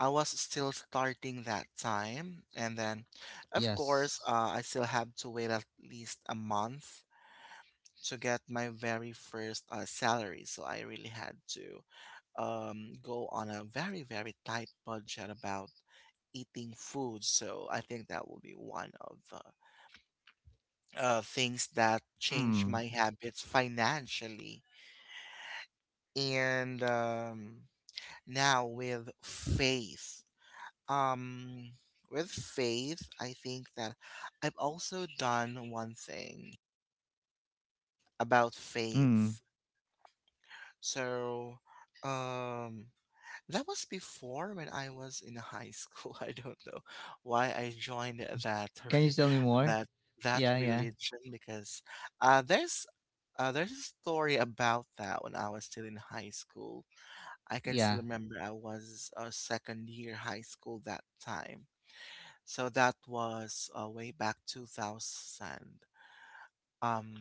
Speaker 2: I was still starting that time, and then, of course,
Speaker 1: Yes.
Speaker 2: I still have to wait at least a month to get my very first salary. So I really had to, go on a very, very tight budget about eating food. So I think that will be one of the things that changed my
Speaker 1: Mm,
Speaker 2: habits financially, and now with faith. um with faith, I think that I've also done one thing about faith.
Speaker 1: mm.
Speaker 2: So um that was before, when I was in high school. I don't know why I joined that.
Speaker 1: Can you tell me more?
Speaker 2: that that
Speaker 1: Yeah, yeah.
Speaker 2: religion, because uh there's there's a story about that. When I was still in high school, I can still
Speaker 1: Yeah.
Speaker 2: remember I was a second year high school that time. So that was, way back 2000, um,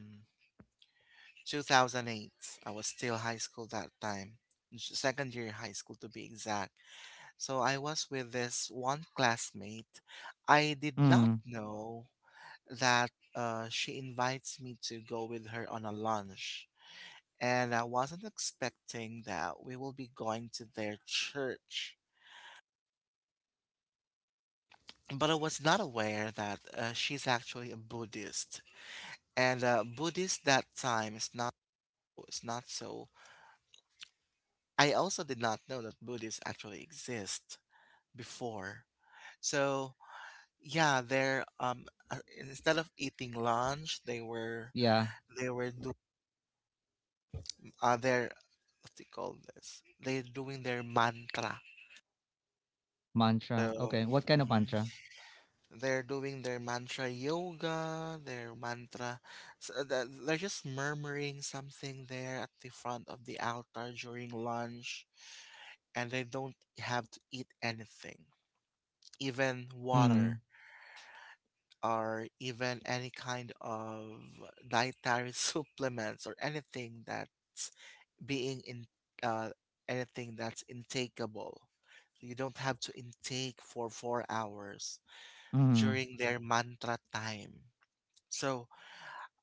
Speaker 2: 2008. I was still high school that time, second year high school, to be exact. So I was with this one classmate. I did not
Speaker 1: Mm.
Speaker 2: know that she invites me to go with her on a lunch. And I wasn't expecting that we will be going to their church, but I was not aware that she's actually a Buddhist, and Buddhist that time is not so. I also did not know that Buddhists actually exist before. So yeah, they're instead of eating lunch, they were
Speaker 1: Yeah.
Speaker 2: doing their, what do you call this? They're doing their mantra.
Speaker 1: Mantra.
Speaker 2: So
Speaker 1: Okay. What kind of
Speaker 2: mhm.
Speaker 1: mantra?
Speaker 2: They're doing their mantra yoga, their mantra. They're just murmuring something there at the front of the altar during lunch, and they don't have to eat anything, even water,
Speaker 1: Mm,
Speaker 2: or even any kind of dietary supplements, or being in uh, anything that's intakeable. You don't have to intake for 4 hours
Speaker 1: mm,
Speaker 2: during their mantra time. So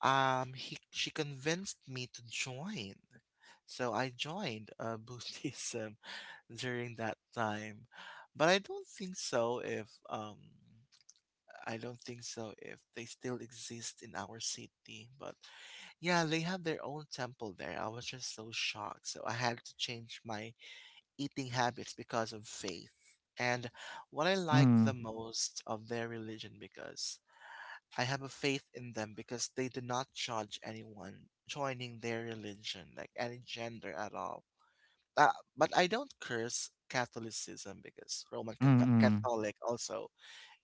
Speaker 2: he she convinced me to join. So I joined, Buddhism during that time. But I don't think so if they still exist in our city, but yeah, they have their own temple there. I was just so shocked, so I had to change my eating habits because of faith. And what I like
Speaker 1: mm,
Speaker 2: the most of their religion, because I have a faith in them, because they do not judge anyone joining their religion, like any gender at all. Uh, but I don't curse Catholicism, because Roman
Speaker 1: mm, mm.
Speaker 2: Catholic also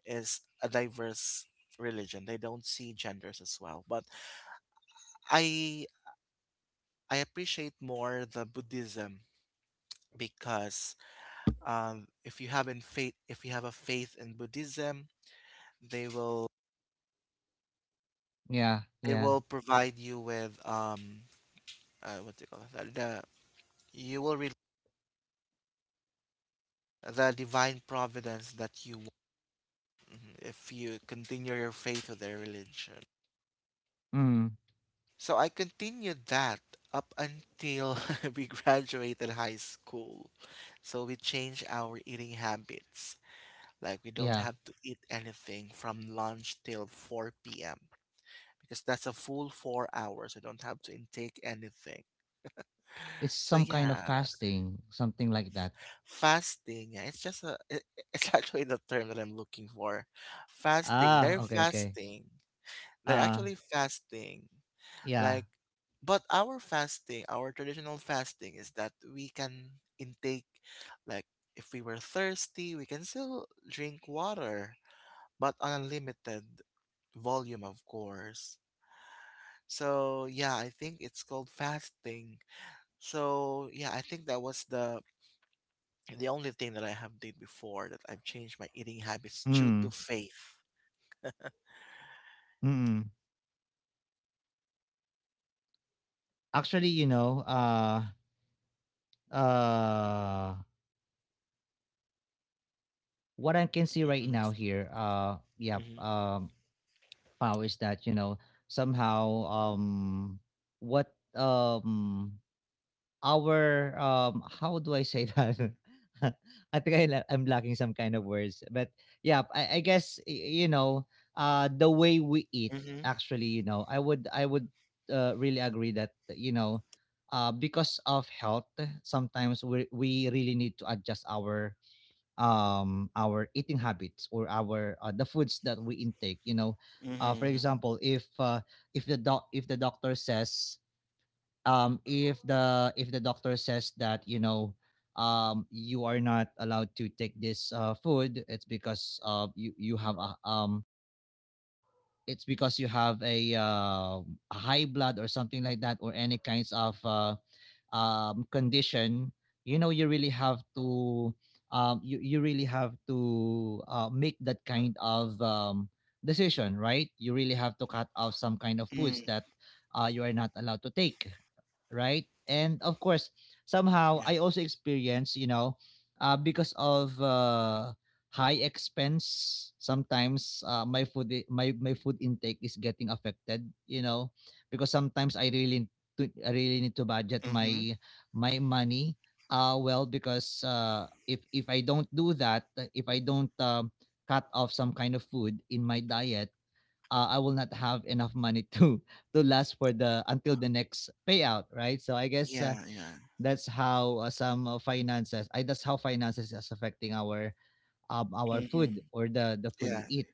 Speaker 2: is a diverse religion. They don't see genders as well. But I I appreciate more the Buddhism, because if you have in faith if you have a faith in Buddhism, they
Speaker 1: Yeah, yeah.
Speaker 2: will provide you with, what do you call it, you will the divine providence that you want, mhm, if you continue your faith with the religion.
Speaker 1: Mm.
Speaker 2: So I continued that up until we graduated high school. So we changed our eating habits. Like we don't
Speaker 1: Yeah,
Speaker 2: have to eat anything from lunch till 4 p.m., because that's a full 4 hours. You don't have to intake anything.
Speaker 1: it's
Speaker 2: So
Speaker 1: some kind of
Speaker 2: yeah,
Speaker 1: fasting, something like that.
Speaker 2: fasting. Yeah, it's just a. It, it's actually the term that I'm looking for. Fasting.
Speaker 1: Ah,
Speaker 2: They're
Speaker 1: okay, okay.
Speaker 2: fasting. They're
Speaker 1: Uh,
Speaker 2: actually fasting.
Speaker 1: yeah.
Speaker 2: Like, but our fasting, our traditional fasting, is that we can intake, like, if we were thirsty, we can still drink water, but on a limited volume, of course. So yeah, I think it's called fasting. So yeah, I think that was the only thing that I have did before, that I've changed my eating habits due to
Speaker 1: Mm,
Speaker 2: faith.
Speaker 1: mm. Actually, you know, uh, what I can see right now
Speaker 2: Mm-hmm.
Speaker 1: here, yeah,
Speaker 2: Mm-hmm.
Speaker 1: Pao, is that, you know, somehow, what, um, our how do I say that? I think I'm lacking some kind of words, but yeah, I guess, you know, the way we eat —
Speaker 2: Mm-hmm.
Speaker 1: actually, you know, I would really agree that, you know, because of health, sometimes we really need to adjust our eating habits, or our the foods that we intake. You know, for
Speaker 2: Mm-hmm.
Speaker 1: example, if the doc if the doctor says — if the, if the doctor says that, you know, you are not allowed to take this food, it's because you, you have a it's because you have a high blood or something like that, or any kinds of condition, you know, you really have to you, you really have to make that kind of decision, right? You really have to cut off some kind of foods
Speaker 2: Mm-hmm.
Speaker 1: that you are not allowed to take, right? And of course, somehow I also
Speaker 2: Yes.
Speaker 1: experience, you know, because of high expense, sometimes my food intake is getting affected, you know, because sometimes I really need to budget
Speaker 2: Mm-hmm.
Speaker 1: my money. Well, because if I don't do that, if I don't cut off some kind of food in my diet, I will not have enough money to to last for the until the next payout, right? So I guess
Speaker 2: Yeah, yeah.
Speaker 1: that's how finances is affecting our
Speaker 2: Mm-hmm.
Speaker 1: food or the food
Speaker 2: Yeah.
Speaker 1: we eat.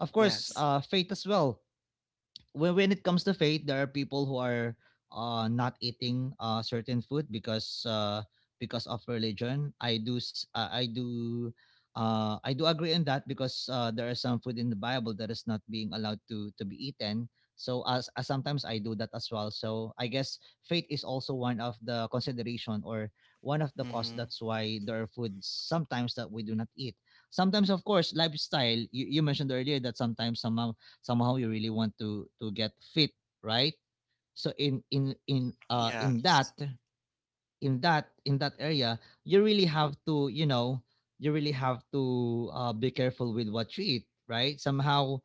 Speaker 1: Of course,
Speaker 2: Yes.
Speaker 1: faith as well. When it comes to faith, there are people who are not eating certain food because of religion. I do s- I do agree on that because there are some food in the Bible that is not being allowed to be eaten. So as Sometimes I do that as well. So I guess faith is also one of the consideration or one of the cause
Speaker 2: Mm-hmm.
Speaker 1: that's why there are foods sometimes that we do not eat. Sometimes of course lifestyle, you mentioned earlier that sometimes somehow you really want to get fit, right? So in that
Speaker 2: Yes.
Speaker 1: in that in that area you really have to be careful with what you eat, right? Somehow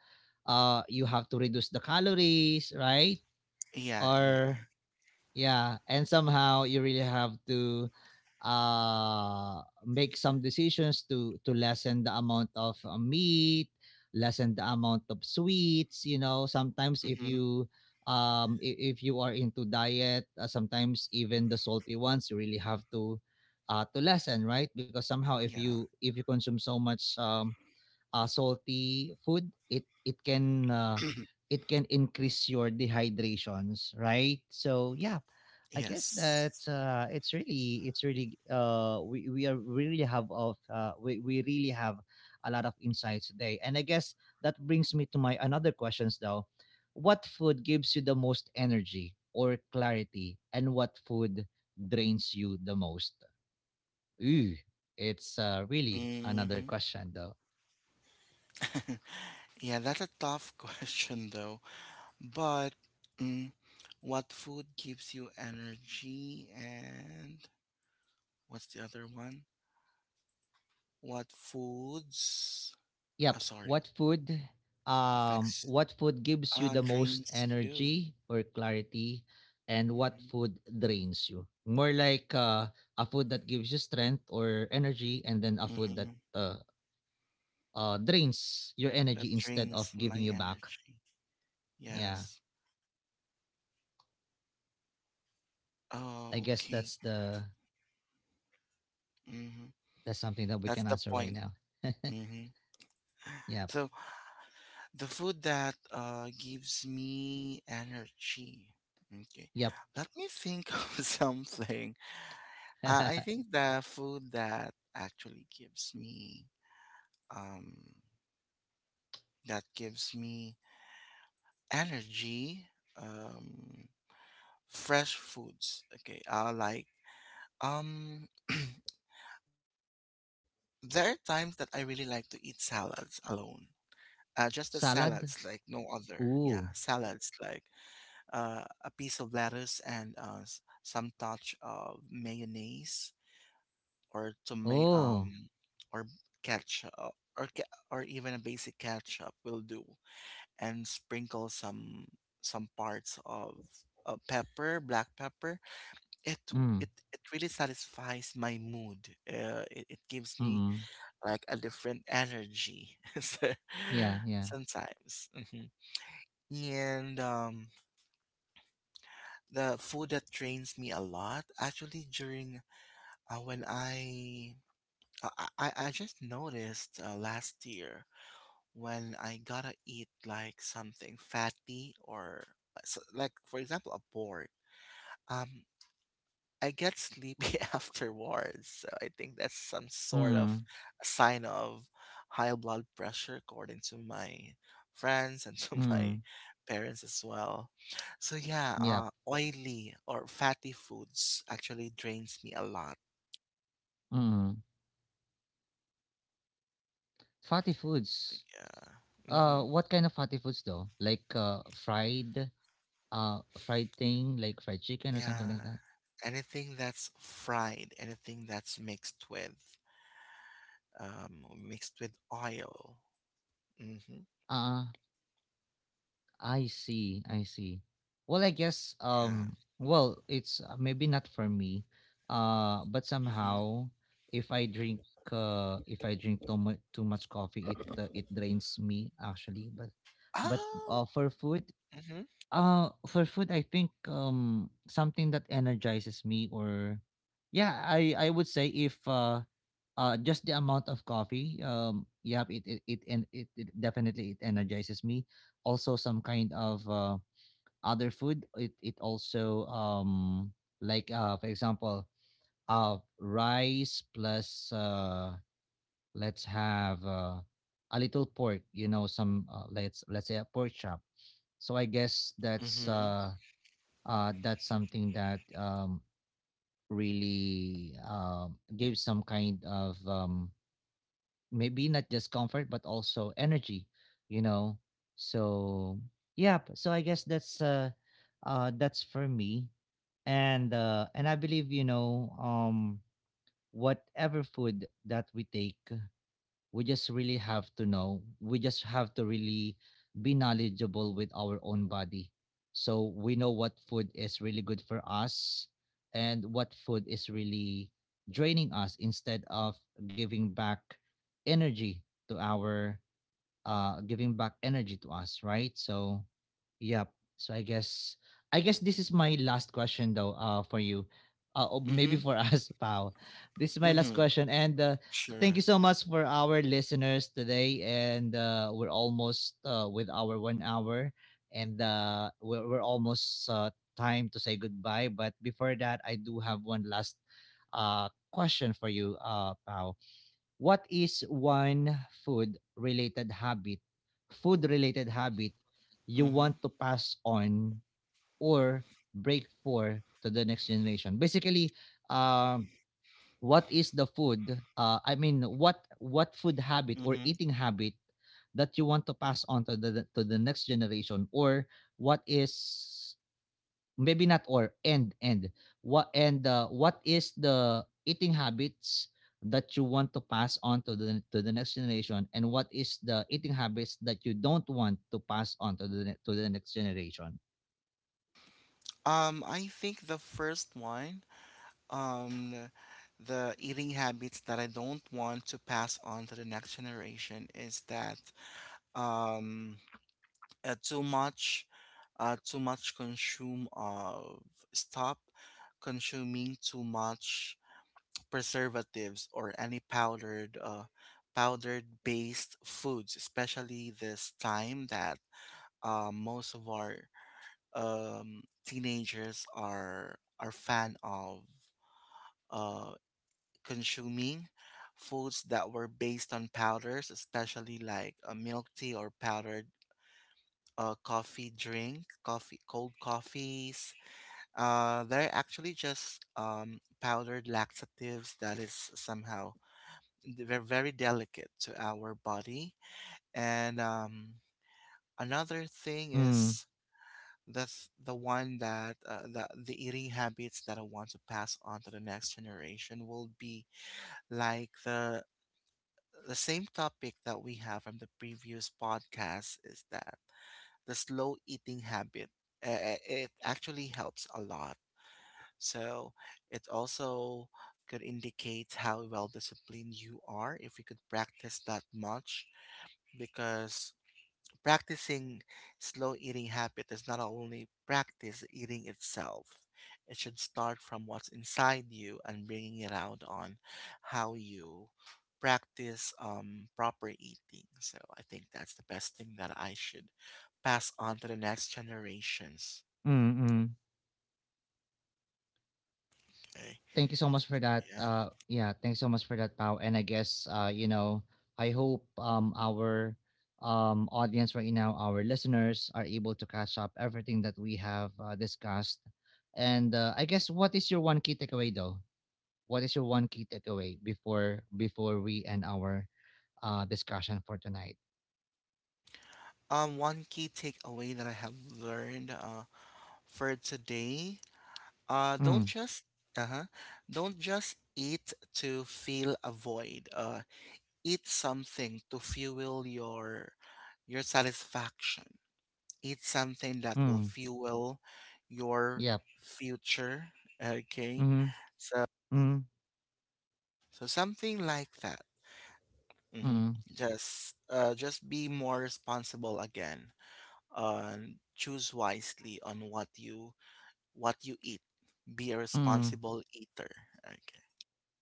Speaker 1: you have to reduce the calories, right?
Speaker 2: Yeah,
Speaker 1: Or
Speaker 2: yeah.
Speaker 1: yeah, and somehow you really have to uh make some decisions to lessen the amount of meat, lessen the amount of sweets, you know. Sometimes
Speaker 2: Mm-hmm.
Speaker 1: if you are into diet, sometimes even the salty ones you really have to lessen, right? Because somehow if
Speaker 2: Yeah.
Speaker 1: you if you consume so much salty food, it can it can increase your dehydrations, right? So yeah, I guess that
Speaker 2: Yes.
Speaker 1: it's really we are we really have of we really have a lot of insights today, and I guess that brings me to my another questions though. What food gives you the most energy or clarity, and what food drains you the most? Ooh, it's really another
Speaker 2: Mm-hmm.
Speaker 1: question though.
Speaker 2: Yeah, that's a tough question though. But mm, what food gives you energy, and what's the other one? What foods,
Speaker 1: Yep.
Speaker 2: sorry,
Speaker 1: What food um
Speaker 2: affects,
Speaker 1: what food gives you
Speaker 2: ah
Speaker 1: the most
Speaker 2: Drains you?
Speaker 1: energy or clarity, and what
Speaker 2: Hmm.
Speaker 1: food drains you? More like a food that gives you strength or energy, and then a food that
Speaker 2: Hmm.
Speaker 1: drains your
Speaker 2: That
Speaker 1: energy instead of
Speaker 2: drains
Speaker 1: giving
Speaker 2: my
Speaker 1: you back.
Speaker 2: energy.
Speaker 1: Yeah.
Speaker 2: Yes. Oh,
Speaker 1: I guess
Speaker 2: okay.
Speaker 1: that's the
Speaker 2: Hmm.
Speaker 1: that's something that we
Speaker 2: That's
Speaker 1: can
Speaker 2: the
Speaker 1: answer right
Speaker 2: point.
Speaker 1: now.
Speaker 2: Hmm.
Speaker 1: Yep.
Speaker 2: So the food that gives me energy. Okay.
Speaker 1: Yep.
Speaker 2: Let me think of something. I think the food that actually gives me um that gives me energy. Um, Fresh foods. Okay, I like um there are times that I really like to eat salads alone. Just the
Speaker 1: Salad?
Speaker 2: salads, like no other.
Speaker 1: Ooh.
Speaker 2: Yeah, salads like a piece of lettuce and some touch of mayonnaise or tomato,
Speaker 1: Oh.
Speaker 2: or ketchup, or or even a basic ketchup will do, and sprinkle some parts of pepper, black pepper. it
Speaker 1: Mm.
Speaker 2: it it really satisfies my mood. It gives me
Speaker 1: Mm.
Speaker 2: like a different energy,
Speaker 1: Yeah, yeah.
Speaker 2: sometimes. Hmm. And the food that drains me a lot, actually, during when I just noticed, last year, when I gotta eat like something fatty, or like for example a pork. Um, I get sleepy afterwards, so I think that's some sort of
Speaker 1: Mm.
Speaker 2: sign of high blood pressure, according to my friends and to my
Speaker 1: Mm.
Speaker 2: parents as well. So yeah,
Speaker 1: Yep.
Speaker 2: oily or fatty foods actually drains me a lot.
Speaker 1: Mm. Fatty foods.
Speaker 2: Yeah. Mm-hmm.
Speaker 1: What kind of fatty foods though? Like fried thing, like fried chicken or something
Speaker 2: Yeah.
Speaker 1: like that.
Speaker 2: Anything that's fried, anything that's mixed with oil. Mm-hmm.
Speaker 1: Uh, I see, I see. Well, I guess
Speaker 2: Yeah.
Speaker 1: well, it's maybe not for me. But
Speaker 2: Mm-hmm.
Speaker 1: somehow, if I drink, if I drink too much coffee, it drains me actually. But but
Speaker 2: Oh.
Speaker 1: uh, for food.
Speaker 2: Mm-hmm.
Speaker 1: For food, I think something that energizes me, or yeah, I would say if just the amount of coffee, yeah, it and it, it definitely it energizes me. Also some kind of other food, it also, like for example rice plus let's have a little pork, some let's say a pork chop. So I guess that's something that really gives some kind of maybe not just comfort but also energy you know so yeah, so I guess that's for me. And I believe, whatever food that we take, we just really have to know, we just have to really be knowledgeable with our own body, so we know what food is really good for us and what food is really draining us instead of giving back energy to our to us, right? So yep. So I guess, this is my last question though, for you. Or maybe
Speaker 2: Mm-hmm.
Speaker 1: for us, Pao. This is my last
Speaker 2: Mm-hmm.
Speaker 1: question. And thank
Speaker 2: Sure.
Speaker 1: you so much for our listeners today. And we're almost with our one hour, and we're almost time to say goodbye. But before that I do have one last question for you, Pao. What is one food related habit, food related habit you
Speaker 2: Mm-hmm.
Speaker 1: want to pass on or break for to the next generation? Basically, uh, what is the food? I mean, what food habit or
Speaker 2: Mm-hmm.
Speaker 1: eating habit that you want to pass on to the next generation, or what is, maybe not, or and what is the eating habits that you want to pass on to the next generation, and what is the eating habits that you don't want to pass on to the next generation?
Speaker 2: I think the first one, um, the eating habits that I don't want to pass on to the next generation is that, um, uh, too much, too much consume of stop consuming too much preservatives, or any powdered based foods, especially this time that most of our teenagers are fan of uh, consuming foods that were based on powders, especially like a milk tea, or powdered, coffee drink, coffee, cold coffees. They're actually just, powdered laxatives, that is somehow they're very delicate to our body. And another thing
Speaker 1: Mm,
Speaker 2: is, that's the one. That uh, the the eating habits that I want to pass on to the next generation will be like the same topic that we have from the previous podcast, is that the slow eating habit, it actually helps a lot. So it also could indicate how well disciplined you are, if you could practice that much, because practicing slow eating habit is not only practice eating itself. It should start from what's inside you, and bringing it out on how you practice proper eating. So I think that's the best thing that I should pass on to the next generations.
Speaker 1: mm, mm.
Speaker 2: Okay.
Speaker 1: Thank you so much for that.
Speaker 2: Yeah.
Speaker 1: Yeah, thanks so much for that, Pau. And I guess, I hope our audience right now, our listeners, are able to catch up everything that we have discussed. And I guess, what is your one key takeaway, though? What is your one key takeaway before we end our discussion for tonight?
Speaker 2: One key takeaway that I have learned, for today, don't
Speaker 1: Mm,
Speaker 2: just Uh-huh, don't just eat to fill a void. Eat something to fuel your satisfaction. Eat something that will
Speaker 1: mm,
Speaker 2: fuel your
Speaker 1: yep.
Speaker 2: future. Okay,
Speaker 1: Mm-hmm,
Speaker 2: so
Speaker 1: mm,
Speaker 2: something like that. Hmm.
Speaker 1: mm,
Speaker 2: Just be more responsible again. Choose wisely on what you eat. Be a
Speaker 1: mm.
Speaker 2: responsible eater. Okay.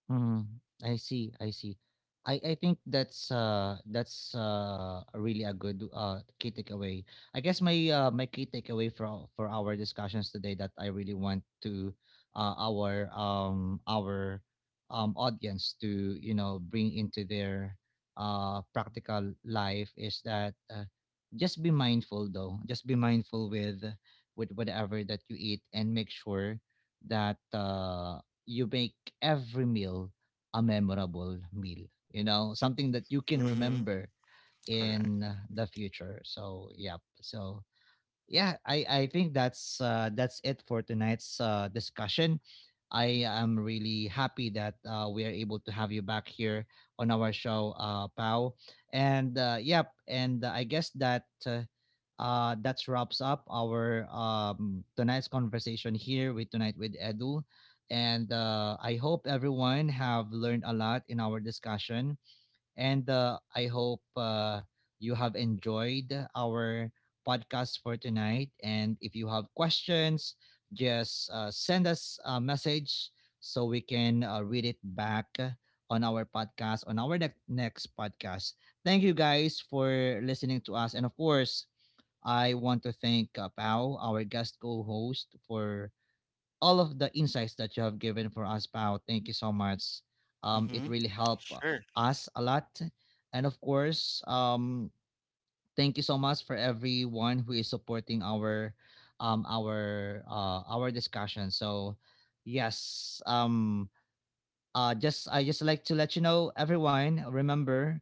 Speaker 1: Mhm. I see. I see. I think that's really a good key takeaway. I guess my key takeaway for our discussions today, that I really want to our audience to, bring into their practical life, is that just be mindful though. Just be mindful with whatever that you eat, and make sure that you make every meal a memorable meal, something that you can
Speaker 2: Mm-hmm.
Speaker 1: remember in
Speaker 2: Correct.
Speaker 1: the future. So, yep. So, yeah, I think that's it for tonight's discussion. I am really happy that we are able to have you back here on our show, Pau. And yep, and I guess that that wraps up our tonight's conversation here, with tonight with Edu. And I hope everyone have learned a lot in our discussion. And I hope you have enjoyed our podcast for tonight. And if you have questions, just send us a message so we can read it back on our podcast, on our next podcast. Thank you guys for listening to us. And of course, I want to thank Pao, our guest co host, for all of the insights that you have given for us, Pao. Thank you so much. It
Speaker 2: Mm-hmm.
Speaker 1: really helped
Speaker 2: Sure.
Speaker 1: us a lot. And of course, thank you so much for everyone who is supporting our discussion. So yes, just I just like to let you know everyone, remember,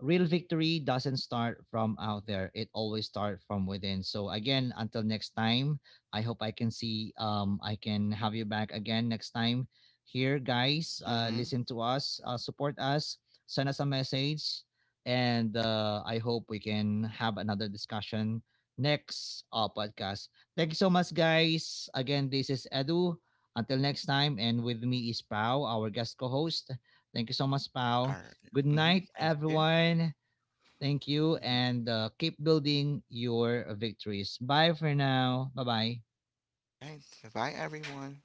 Speaker 1: real victory doesn't start from out there, it always starts from within. So again, until next time, I hope I can see, I can have you back again next time. Here guys,
Speaker 2: Mm-hmm.
Speaker 1: listen to us, support us, send us a message, and I hope we can have another discussion next podcast. Thank you so much guys again, this is Edu, until next time. And with me is Pao, our guest co-host. Thank you so much,
Speaker 2: All
Speaker 1: Pao.
Speaker 2: right.
Speaker 1: Good
Speaker 2: Mm-hmm.
Speaker 1: night,
Speaker 2: Thank you.
Speaker 1: everyone. Thank you,
Speaker 2: Mm-hmm.
Speaker 1: and keep building your victories. Bye for now. Bye bye.
Speaker 2: Okay. Goodbye, everyone.